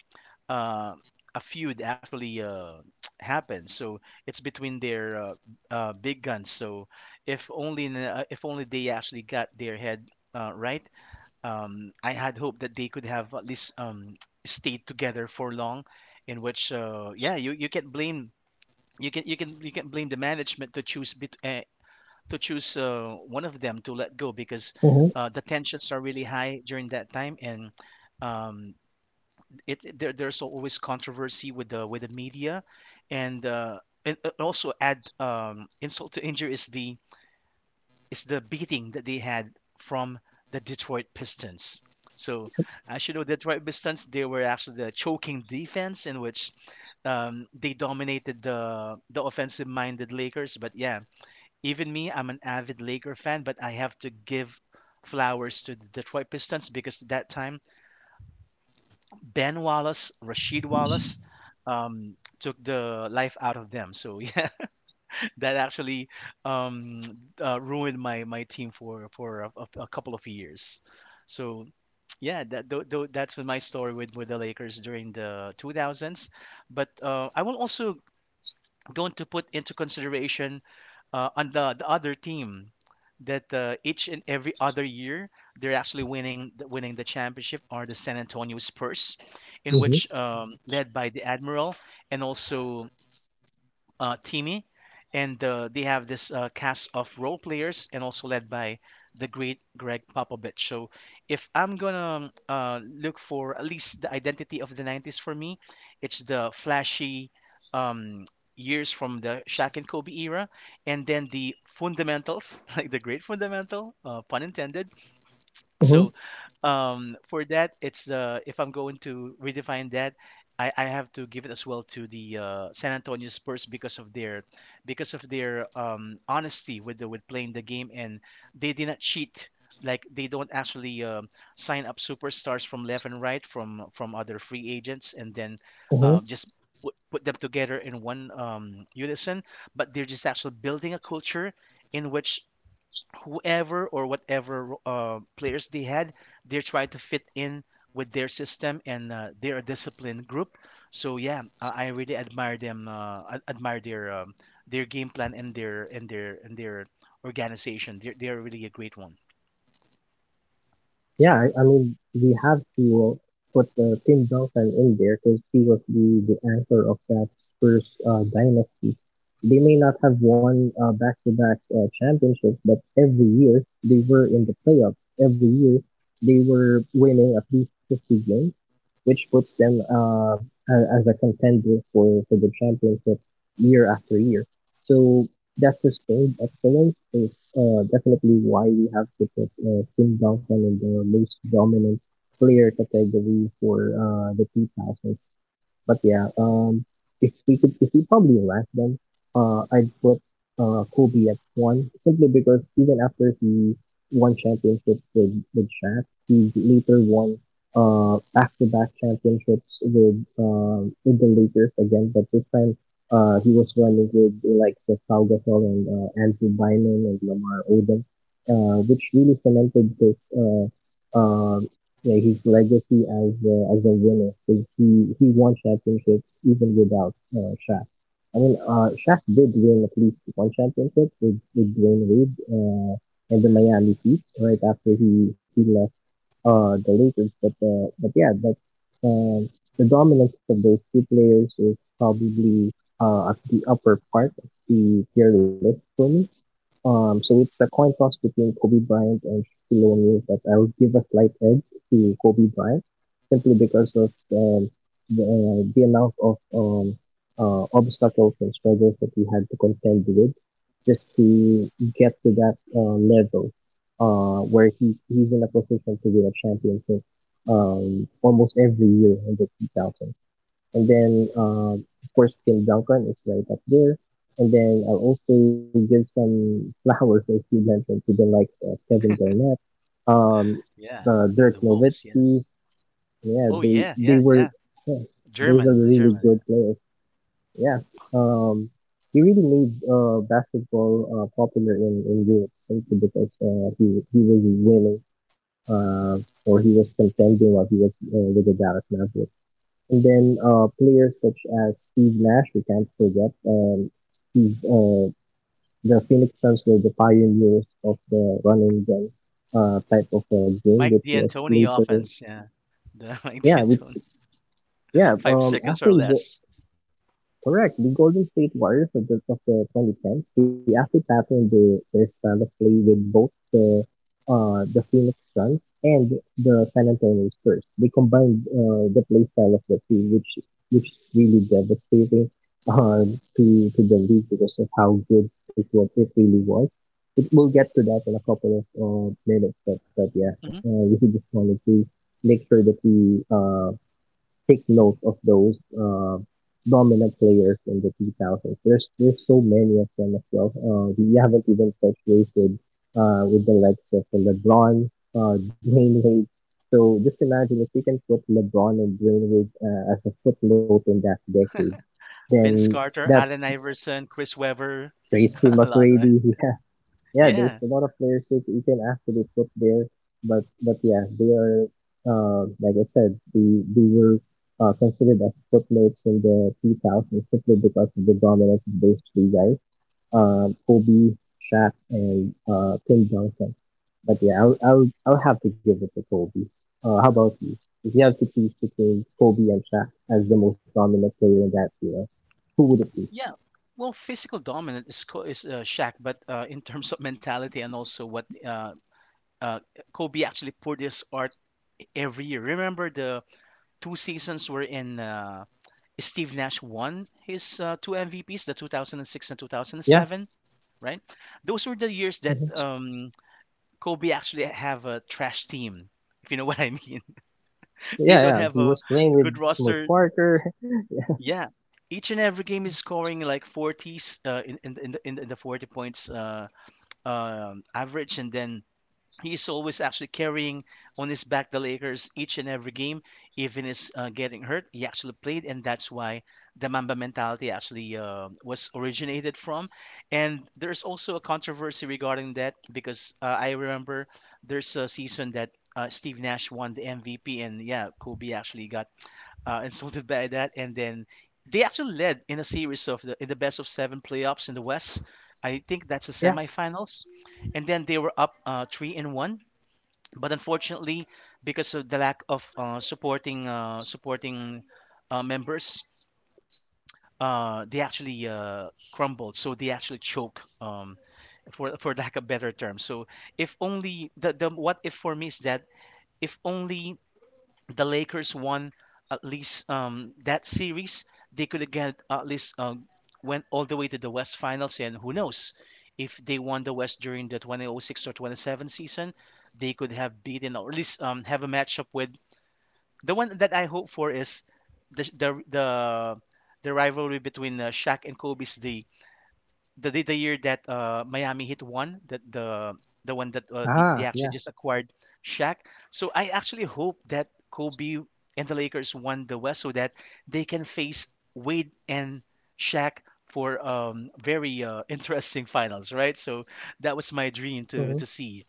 B: uh, a feud actually happened. So it's between their big guns. So if only they actually got their head right, I had hoped that they could have at least stayed together for long. In which, yeah, you can blame you can blame the management to choose to choose one of them to let go because
A: Mm-hmm.
B: the tensions are really high during that time. And um, it there, there's always controversy with the media and uh and also add insult to injury is the beating that they had from the Detroit Pistons. So
A: Yes.
B: as you know, the Detroit Pistons, they were actually the choking defense, in which they dominated the offensive minded Lakers. But yeah, even me, I'm an avid Laker fan, but I have to give flowers to the Detroit Pistons because at that time Ben Wallace, Rashid Wallace took the life out of them. So yeah, that actually um, ruined my team for a couple of years. So yeah, that that's been my story with the Lakers during the 2000s. But I will also going to put into consideration on the other team that each and every other year they're actually winning winning the championship are the San Antonio Spurs, in
A: Mm-hmm.
B: which led by the Admiral, and also Timmy, and they have this cast of role players, and also led by the great Greg Popovich. So if I'm gonna look for at least the identity of the 90s for me, it's the flashy um, years from the Shaq and Kobe era, and then the fundamentals, like the great fundamental, pun intended.
A: Mm-hmm.
B: So
A: Mm-hmm.
B: for that, it's the if I'm going to redefine that, I have to give it as well to the San Antonio Spurs because of their honesty with with playing the game, and they did not cheat. Like they don't actually sign up superstars from left and right from other free agents, and then just put them together in one unison. But they're just actually building a culture in which whoever or whatever players they had, they're trying to fit in with their system, and they're a disciplined group. So yeah, I really admire them, admire their game plan and their organization. They're really a great one.
A: Yeah, I mean, we have to put Tim Duncan in there because he was the anchor of that Spurs dynasty. They may not have won back-to-back championships, but every year they were in the playoffs. Every year they were winning at least 50 games, which puts them as a contender for the championship year after year. So Doctor Stone excellence is definitely why we have to put Tim Duncan in the most dominant player category for the 2000s. But yeah, if we could, if we probably rank them, I'd put Kobe at one simply because even after he won championships with Shaq, he later won back to back championships with the Lakers again, but this time he was running with the likes of Pau Gasol and Andrew Bynum and Lamar Odom, which really cemented his uh, yeah, his legacy as a winner. Like, he won championships even without Shaq. I mean, Shaq did win at least one championship with Dwayne Wade and the Miami Heat right after he left the Lakers. But yeah, but um the dominance of those two players is probably at the upper part of the tier list for me. So it's a coin toss between Kobe Bryant and Shaquille O'Neal, but I would give a slight edge to Kobe Bryant simply because of the amount of obstacles and struggles that he had to contend with just to get to that level where he, he's in a position to win a championship almost every year in the 2000s and then of course Kim Duncan is right up there. And then I'll also give some flowers or few mention to them like Kevin Garnett, um,
B: Yeah,
A: Dirk
B: the Wolves.
A: Nowitzki.
B: Yes.
A: Yeah,
B: Oh yeah, yeah,
A: they
B: yeah.
A: were yeah, those
B: German,
A: are
B: the
A: really
B: German. Yeah.
A: good players. Yeah, um, he really made basketball popular in Europe simply because he was winning uh, or he was contending while he was with the Dallas Mavericks. And then players such as Steve Nash, we can't forget. Steve, uh, the Phoenix Suns were the pioneers of the run and gun type of game,
B: Mike
A: which was
B: D'Antoni
A: later.
B: offense. Yeah, the Mike
A: Yeah, which,
B: D'Antoni.
A: yeah.
B: Five seconds or
A: Actually, the,
B: less.
A: Correct. The Golden State Warriors of the 2010s, they actually patterned the their style of play with both the Phoenix Suns and the San Antonio Spurs. They combined the play style of the two, which is really devastating uh, to to the league because of how good it was. It really was. It, we'll get to that in a couple of minutes, but yeah,
B: Hmm.
A: we just wanted to make sure that we take note of those dominant players in the 2000s. There's so many of them as well. We haven't even touched base with the likes of LeBron, Dwayne Wade. So just imagine if we can put LeBron and Dwayne Wade as a footnote in that decade, then
B: Vince
A: that
B: Carter, Allen Iverson, Chris Webber.
A: Tracy
B: A lot,
A: McGrady,
B: right?
A: yeah, yeah, there's a
B: Yeah,
A: lot of players you, you can actually put there, but yeah, they are like I said, they were considered as footnotes in the 2000s simply because of the dominance of those three guys, Kobe, Shaq, and Tim Duncan. But yeah, I'll have to give it to Kobe. How about you? If you have to choose between Kobe and Shaq as the most dominant player in that era, who would it be?
B: yeah. Well, physical dominant is Shaq, but in terms of mentality and also what uh, Kobe actually poured his art every year. Remember the two seasons were in Steve Nash won his two MVPs, the 2006 and
A: Yeah.
B: 2007, right? Those were the years
A: Mhm.
B: that Kobe actually have a trash team, if you know what I mean.
A: Yeah,
B: They
A: yeah.
B: don't
A: He
B: have
A: was
B: a
A: playing with
B: good
A: Smuts
B: roster.
A: Parker.
B: Yeah, each and every game is scoring like 40s in the 40 points average, and then he's always actually carrying on his back the Lakers each and every game. Even is getting hurt, he actually played, and that's why the Mamba mentality actually was originated from. And there's also a controversy regarding that because I remember there's a season that. Steve Nash won the MVP, and yeah, Kobe actually got insulted by that, and then they actually led in a series of the in the best of seven playoffs in the West. I think that's the semifinals, and then they were up three and one. But unfortunately, because of the lack of supporting members, they actually crumbled. So they actually choke. For lack of better term. So if only the what if for me is that if only the Lakers won at least that series, they could again at least went all the way to the West Finals. And who knows if they won the West during the 2006 or 27 season, they could have beaten or at least have a matchup with the one that I hope for is the the the, the rivalry between Shaq and Kobe's the year that Miami Heat won, that the one that
A: Ah,
B: they
A: yeah.
B: actually just acquired Shaq. So I actually hope that Kobe and the Lakers won the West so that they can face Wade and Shaq for very interesting finals, right? So that was my dream
A: Hmm.
B: to see,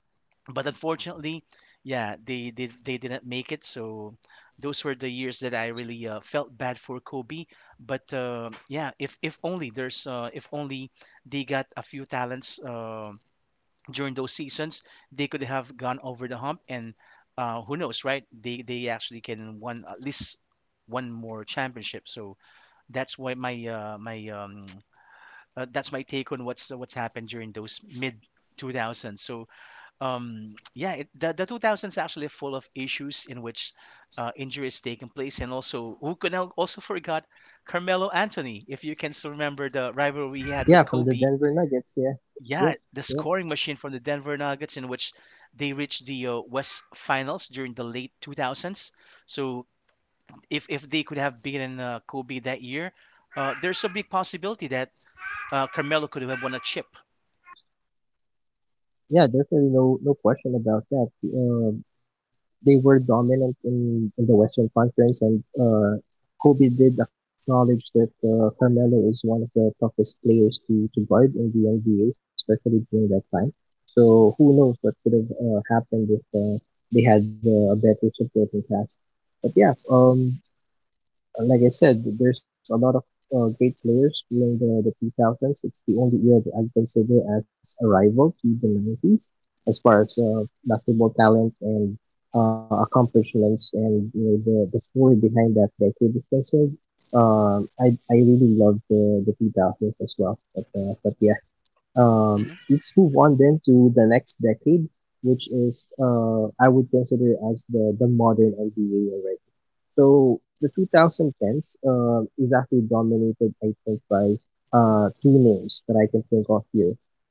B: but unfortunately, yeah, they didn't make it. So those were the years that I really felt bad for Kobe. But yeah, if only there's if only they got a few talents during those seasons, they could have gone over the hump. And who knows, right? They actually can won at least one more championship. So that's why my my that's my take on what's happened during those mid 2000s. So yeah the 2000s actually full of issues in which injuries taking place. And also, who can also forgot Carmelo Anthony, if you can still remember the rivalry he
A: Yeah,
B: had with
A: from the
B: Kobe.
A: Denver Nuggets. Yeah. Yep.
B: Yeah, the
A: Yep.
B: scoring machine from the Denver Nuggets, in which they reached the West Finals during the late 2000s. So if they could have beaten Kobe that year, there's a big possibility that Carmelo could have won a chip.
A: Yeah, definitely no question about that. Um, they were dominant in the Western Conference, and Kobe did acknowledge that Carmelo is one of the toughest players to guard in the NBA, especially during that time. So who knows what could have happened if they had a better supporting cast. But yeah, like I said, there's a lot of great players during the 2000s. It's the only era that I consider as a rival to the 90s as far as basketball talent and accomplishments and the story behind that decade is concerned. I really love the 2000s as well. But yeah,
B: Hmm.
A: let's move on then to the next decade, which is I would consider as the modern NBA already. So the 2010s is actually dominated, I think, by two names that I can think of here.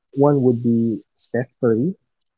A: One would be Steph Curry,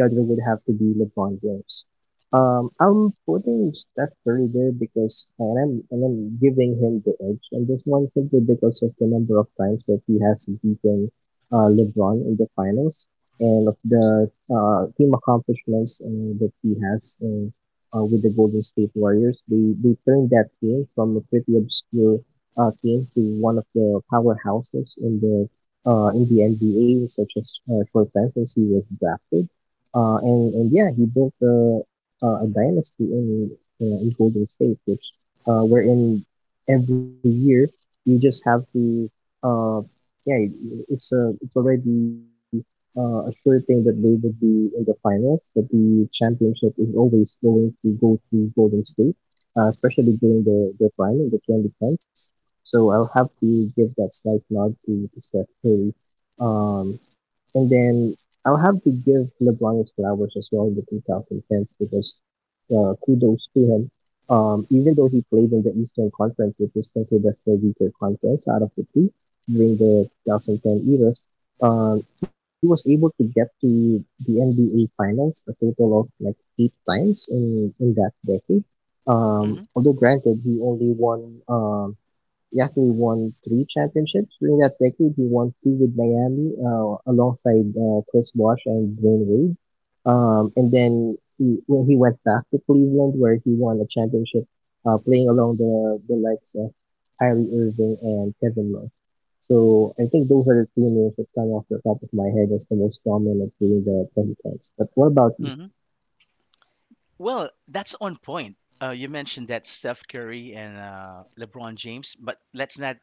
A: and the other would have to be LeBron James. I'm putting Steph Curry there because, and I'm giving him the edge on this one simply because of the number of times that he has beaten LeBron in the finals and of the team accomplishments that he has with the Golden State Warriors. They turned that team from a pretty obscure team to one of the powerhouses in the NBA, such as short Panthers, he was drafted. And yeah, he built a dynasty in Golden State, which, wherein every year you just have to, uh, yeah, it's it's already, a sure thing that they would be in the finals, that the championship is always going to go to Golden State, especially during their prime in the 2010s. So I'll have to give that slight nod to Steph Curry, um, and then I'll have to give LeBron his flowers as well in the 2010s because kudos to him. Even though he played in the Eastern Conference, which is considered the weaker conference out of the two during the 2010 eras, he was able to get to the NBA Finals a total of like 8 times in that decade. Although granted, he only won Yahoo won 3 championships during that decade. He won two with Miami alongside Chris Bosh and Dwayne Wade. And then he, when he went back to Cleveland, where he won a championship playing along the likes of Kyrie Irving and Kevin Love. So I think those are the two names that come off the top of my head as the most dominant during the 2010s. But
B: Hmm.
A: what about you?
B: Well, that's on point. You mentioned that Steph Curry and LeBron James, but let's not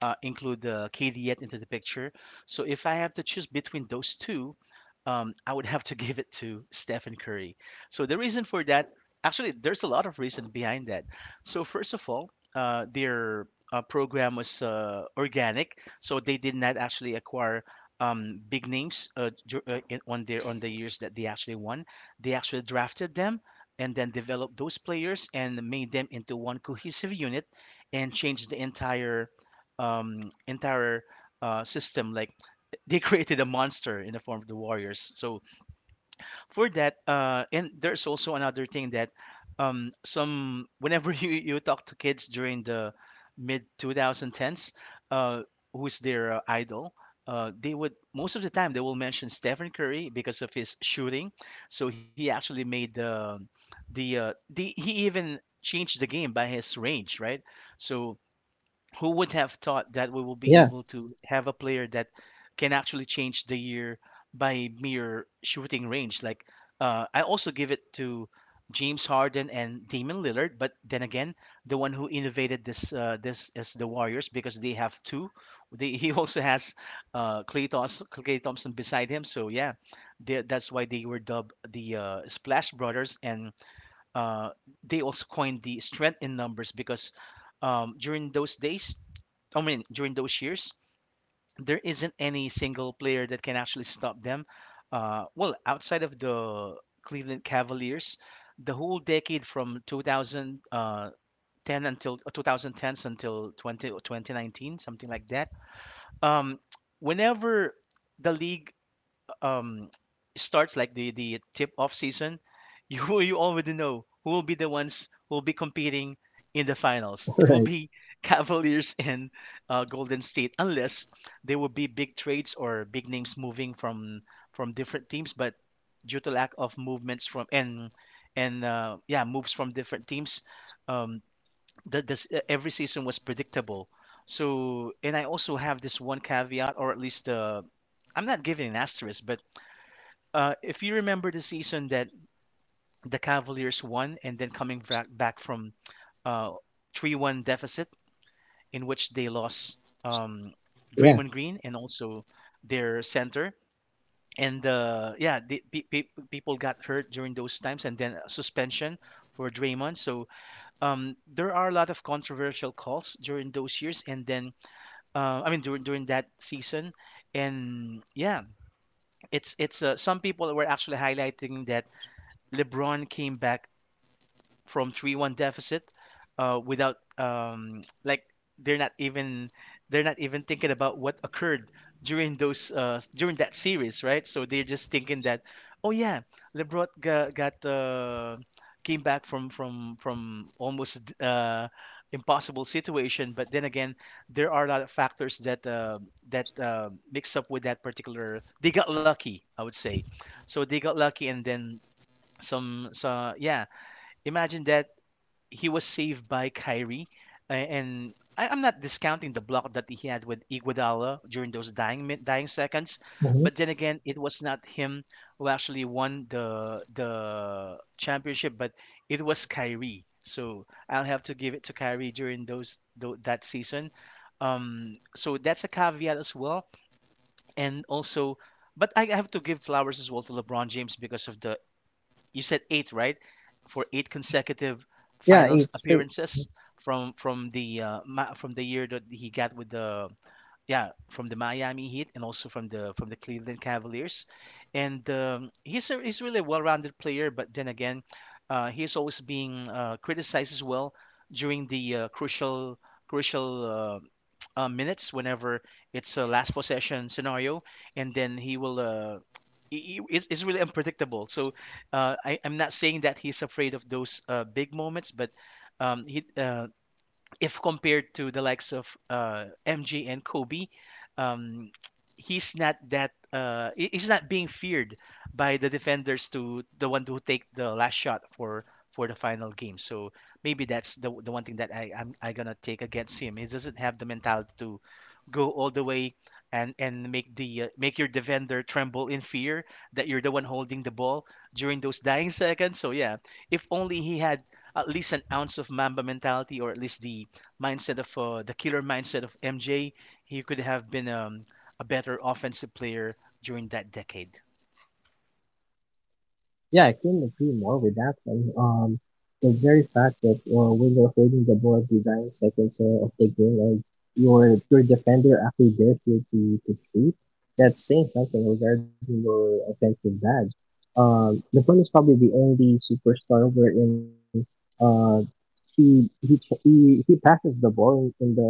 B: include KD yet into the picture. So if I have to choose between those two, I would have to give it to Stephen Curry. So the reason for that, actually, there's a lot of reason behind that. So first of all, their program was organic, so they did not actually acquire big names on their on the years that they actually won. They actually drafted them and then develop those players and made them into one cohesive unit, and change the entire entire system. Like they created a monster in the form of the Warriors. So for that and there's also another thing that some whenever you talk to kids during the mid 2010s, uh who's their idol, they would most of the time they will mention Stephen Curry because of his shooting. So he actually made the he even changed the game by his range, right? So who would have thought that we will be able to
A: Yeah,
B: have a player that can actually change the year by mere shooting range? Like, I also give it to James Harden and Damian Lillard, but then again, the one who innovated this is the Warriors because they have two. He also has Clay Thompson beside him, so yeah, that's why they were dubbed the Splash Brothers, and uh, they also coined the strength in numbers. Because during those days, I mean, during those years, there isn't any single player that can actually stop them. Well, outside of the Cleveland Cavaliers, the whole decade from 2010 until uh, 2010s until 20 2019, something like that. Um, Whenever the league um starts like the tip off season, you already know who will be the ones who will be competing in the finals. It will be
A: right.
B: Cavaliers and Golden State, unless there will be big trades or big names moving from different teams. But due to lack of movements from and yeah, moves from different teams, um, the, this every season was predictable. So and I also have this one caveat, or at least I'm not giving an asterisk, but if you remember the season that the Cavaliers won and then coming back from uh, 3-1 deficit, in which they lost um, Draymond Green
A: Yeah.
B: and also their center. And yeah, people got hurt during those times, and then a suspension for Draymond. So there are a lot of controversial calls during those years, and then I mean, during that season. And yeah, it's some people were actually highlighting that LeBron came back from 3-1 deficit without like they're not even they're not even thinking about what occurred during those during that series, right? So they're just thinking that oh yeah, LeBron got came back from almost impossible situation. But then again, there are a lot of factors that mix up with that particular. They got lucky, I would say. So they got lucky, and then some so yeah, imagine that he was saved by Kyrie, and I'm not discounting the block that he had with Iguodala during those dying seconds. But then
A: Mm-hmm.
B: again, it was not him who actually won the championship, but it was Kyrie, so I'll have to give it to Kyrie during that season. So that's a caveat as well. And also, but I have to give flowers as well to LeBron James because of the, you said eight, right? For eight consecutive
A: Yeah,
B: finals
A: it's great.
B: appearances from the from the year that he got with the, yeah, from the Miami Heat, and also from the Cleveland Cavaliers. And he's really a well-rounded player. But then again, he's always being criticized as well during the crucial crucial uh, minutes whenever it's a last possession scenario, and then he will. Is really unpredictable. So I'm not saying that he's afraid of those big moments, but um, he, uh, if compared to the likes of MJ and Kobe, um, he's not that he's not being feared by the defenders to the one who take the last shot for the final game. So maybe that's the one thing that I gonna take against him. He doesn't have the mentality to go all the way, and make your defender tremble in fear that you're the one holding the ball during those dying seconds. So yeah, if only he had at least an ounce of Mamba mentality, or at least the killer mindset of MJ, he could have been a better offensive player during that decade.
A: Yeah, I couldn't agree more with that one. The very fact that when you're holding the ball at the dying seconds of the game and your defender actually dares you to shoot, that's saying something regarding your offensive badge. LeBron is probably the only superstar wherein uh, he passes the ball in the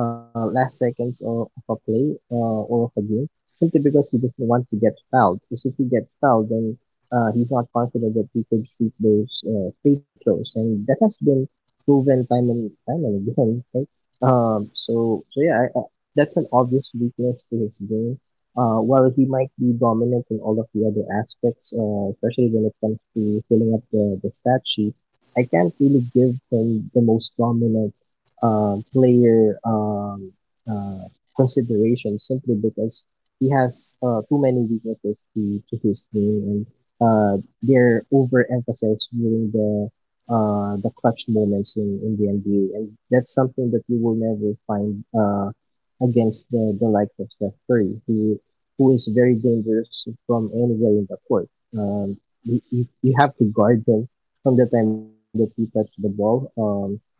A: last seconds of a play or of a game simply because he doesn't want to get fouled. Because if he gets fouled, then he's not confident that he could shoot those free throws, and that has been proven time and time and again. Right? Um, so so yeah, I, I, that's an obvious weakness to his game. While he might be dominant in all of the other aspects, especially when it comes to filling up the stat sheet, I can't really give him the most dominant player uh, consideration simply because he has too many weaknesses to his game and uh, their overemphasis during the clutch moments in the NBA, and that's something that you will never find against the likes of Steph Curry, who is very dangerous from anywhere in the court. Um, you have to guard him from the time that he touches the ball um,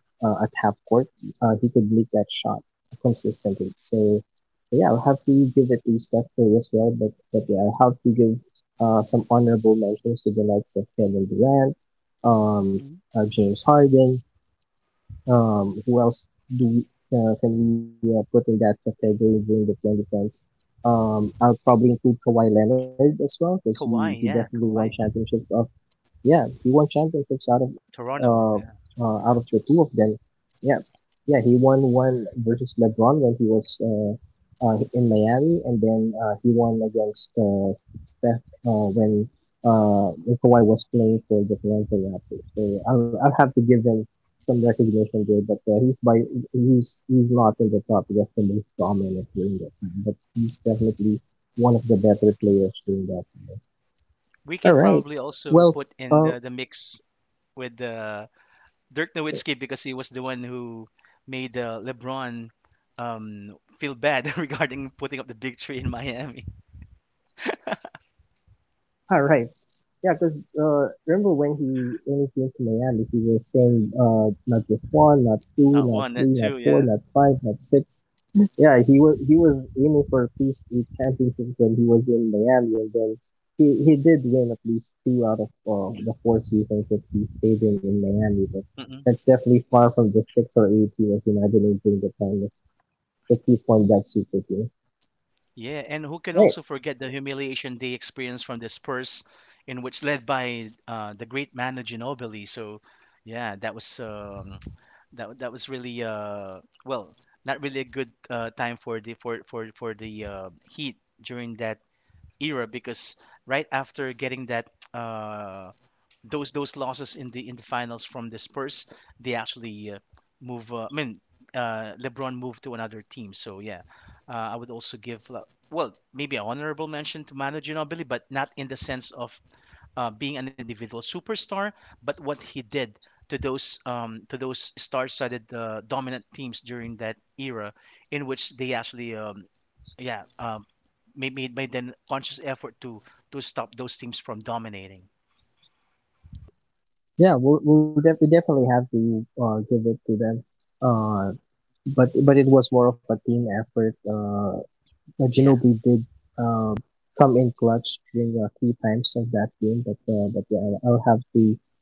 A: uh, at half court. He could make that shot consistently. So yeah, I'll have to give it to Steph Curry as well, but yeah, I'll have to give some honorable mentions to the likes of Kevin Durant, um,
B: Mhm.
A: James Harden. Who else do we, can we put in that category during the 2010s? I'll probably include Kawhi Leonard as well because he
B: Kawhi, yeah,
A: definitely won
B: Kawhi.
A: championships of yeah he won championships
B: Toronto, yeah,
A: out of
B: Toronto
A: the two of
B: Raptors.
A: them. Yeah, yeah, he won one versus LeBron when he was in Miami, and then he won against Steph when Kawhi was playing for the Toronto Raptors. I'll have to give him some
B: Mm.
A: recognition there, but he's not in the top just the most dominant during that time, but he's definitely one of the better players during that time.
B: We
A: All
B: can
A: right,
B: probably also
A: well,
B: put in
A: all
B: the mix with Dirk Nowitzki, because he was the one who made LeBron feel bad regarding putting up the big three in Miami.
A: right. Yeah, because remember when he came to Miami, he was saying not just one, not two,
B: Not
A: not
B: one,
A: three,
B: not
A: not
B: two,
A: four,
B: yeah.
A: not five, not six. Yeah, he was aiming for at least eight championships when he was in Miami, and then he did win at least two out of the four seasons that he stayed in Miami. But that's definitely far from the six or eight he was imagining during the time that he formed that super team.
B: Yeah, and who can
A: Right?
B: also forget the humiliation they experienced from the Spurs, in which led by the great Manu Ginobili. So yeah, that was really well, not really a good time for the Heat during that era, because right after getting that uh, those losses in the finals from the Spurs, they actually move. I mean, LeBron moved to another team. So yeah, I would also give, well, maybe an honorable mention to Manu Ginobili, but not in the sense of being an individual superstar, but what he did to those star-studded dominant teams during that era, in which they actually yeah um, made an conscious effort to stop those teams from dominating.
A: Yeah, we definitely have to give it to them, uh, but it was more of a team effort.
B: Yeah.
A: Ginobili did uh, come in clutch during three times of that game, but yeah,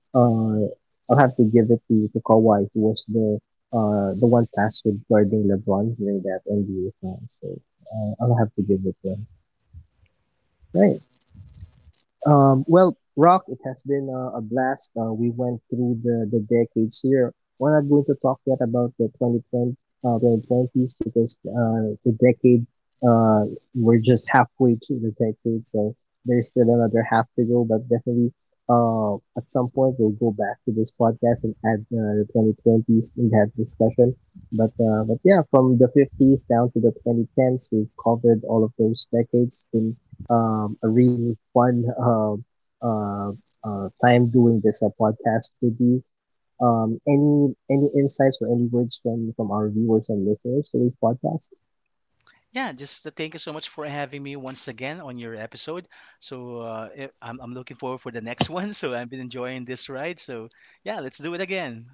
A: uh, I'll have to give it to Kawhi, who was the one tasked with guarding LeBron during that NBA time. So I'll have to give it to him. Right. Well, Rock, it has been a blast. We went through the decades here. We're not going to talk yet about the 2020, uh, 2020s because uh, we're just halfway through the decade, so there's still another half to go, but definitely uh, at some point we'll go back to this podcast and add the 2020s in that discussion. But yeah, from the 50s down to the 2010s, we've covered all of those decades. Been a really fun uh, time doing this podcast with you. Any insights or any words from our viewers and listeners to this podcast?
B: Yeah, just thank you so much for having me once again on your episode. So I'm looking forward for the next one. So I've been enjoying this ride. So yeah, let's do it again.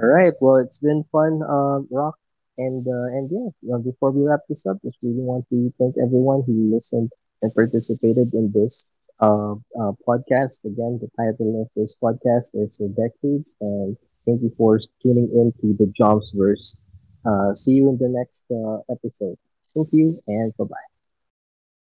A: All right. Well, it's been fun, Rock, and yeah. Well, before we wrap this up, just really want to thank everyone who listened and participated in this podcast. Again, the title of this podcast is The Decades, and thank you for tuning in to the Jobsverse. See you in the next episode. Thank you, and bye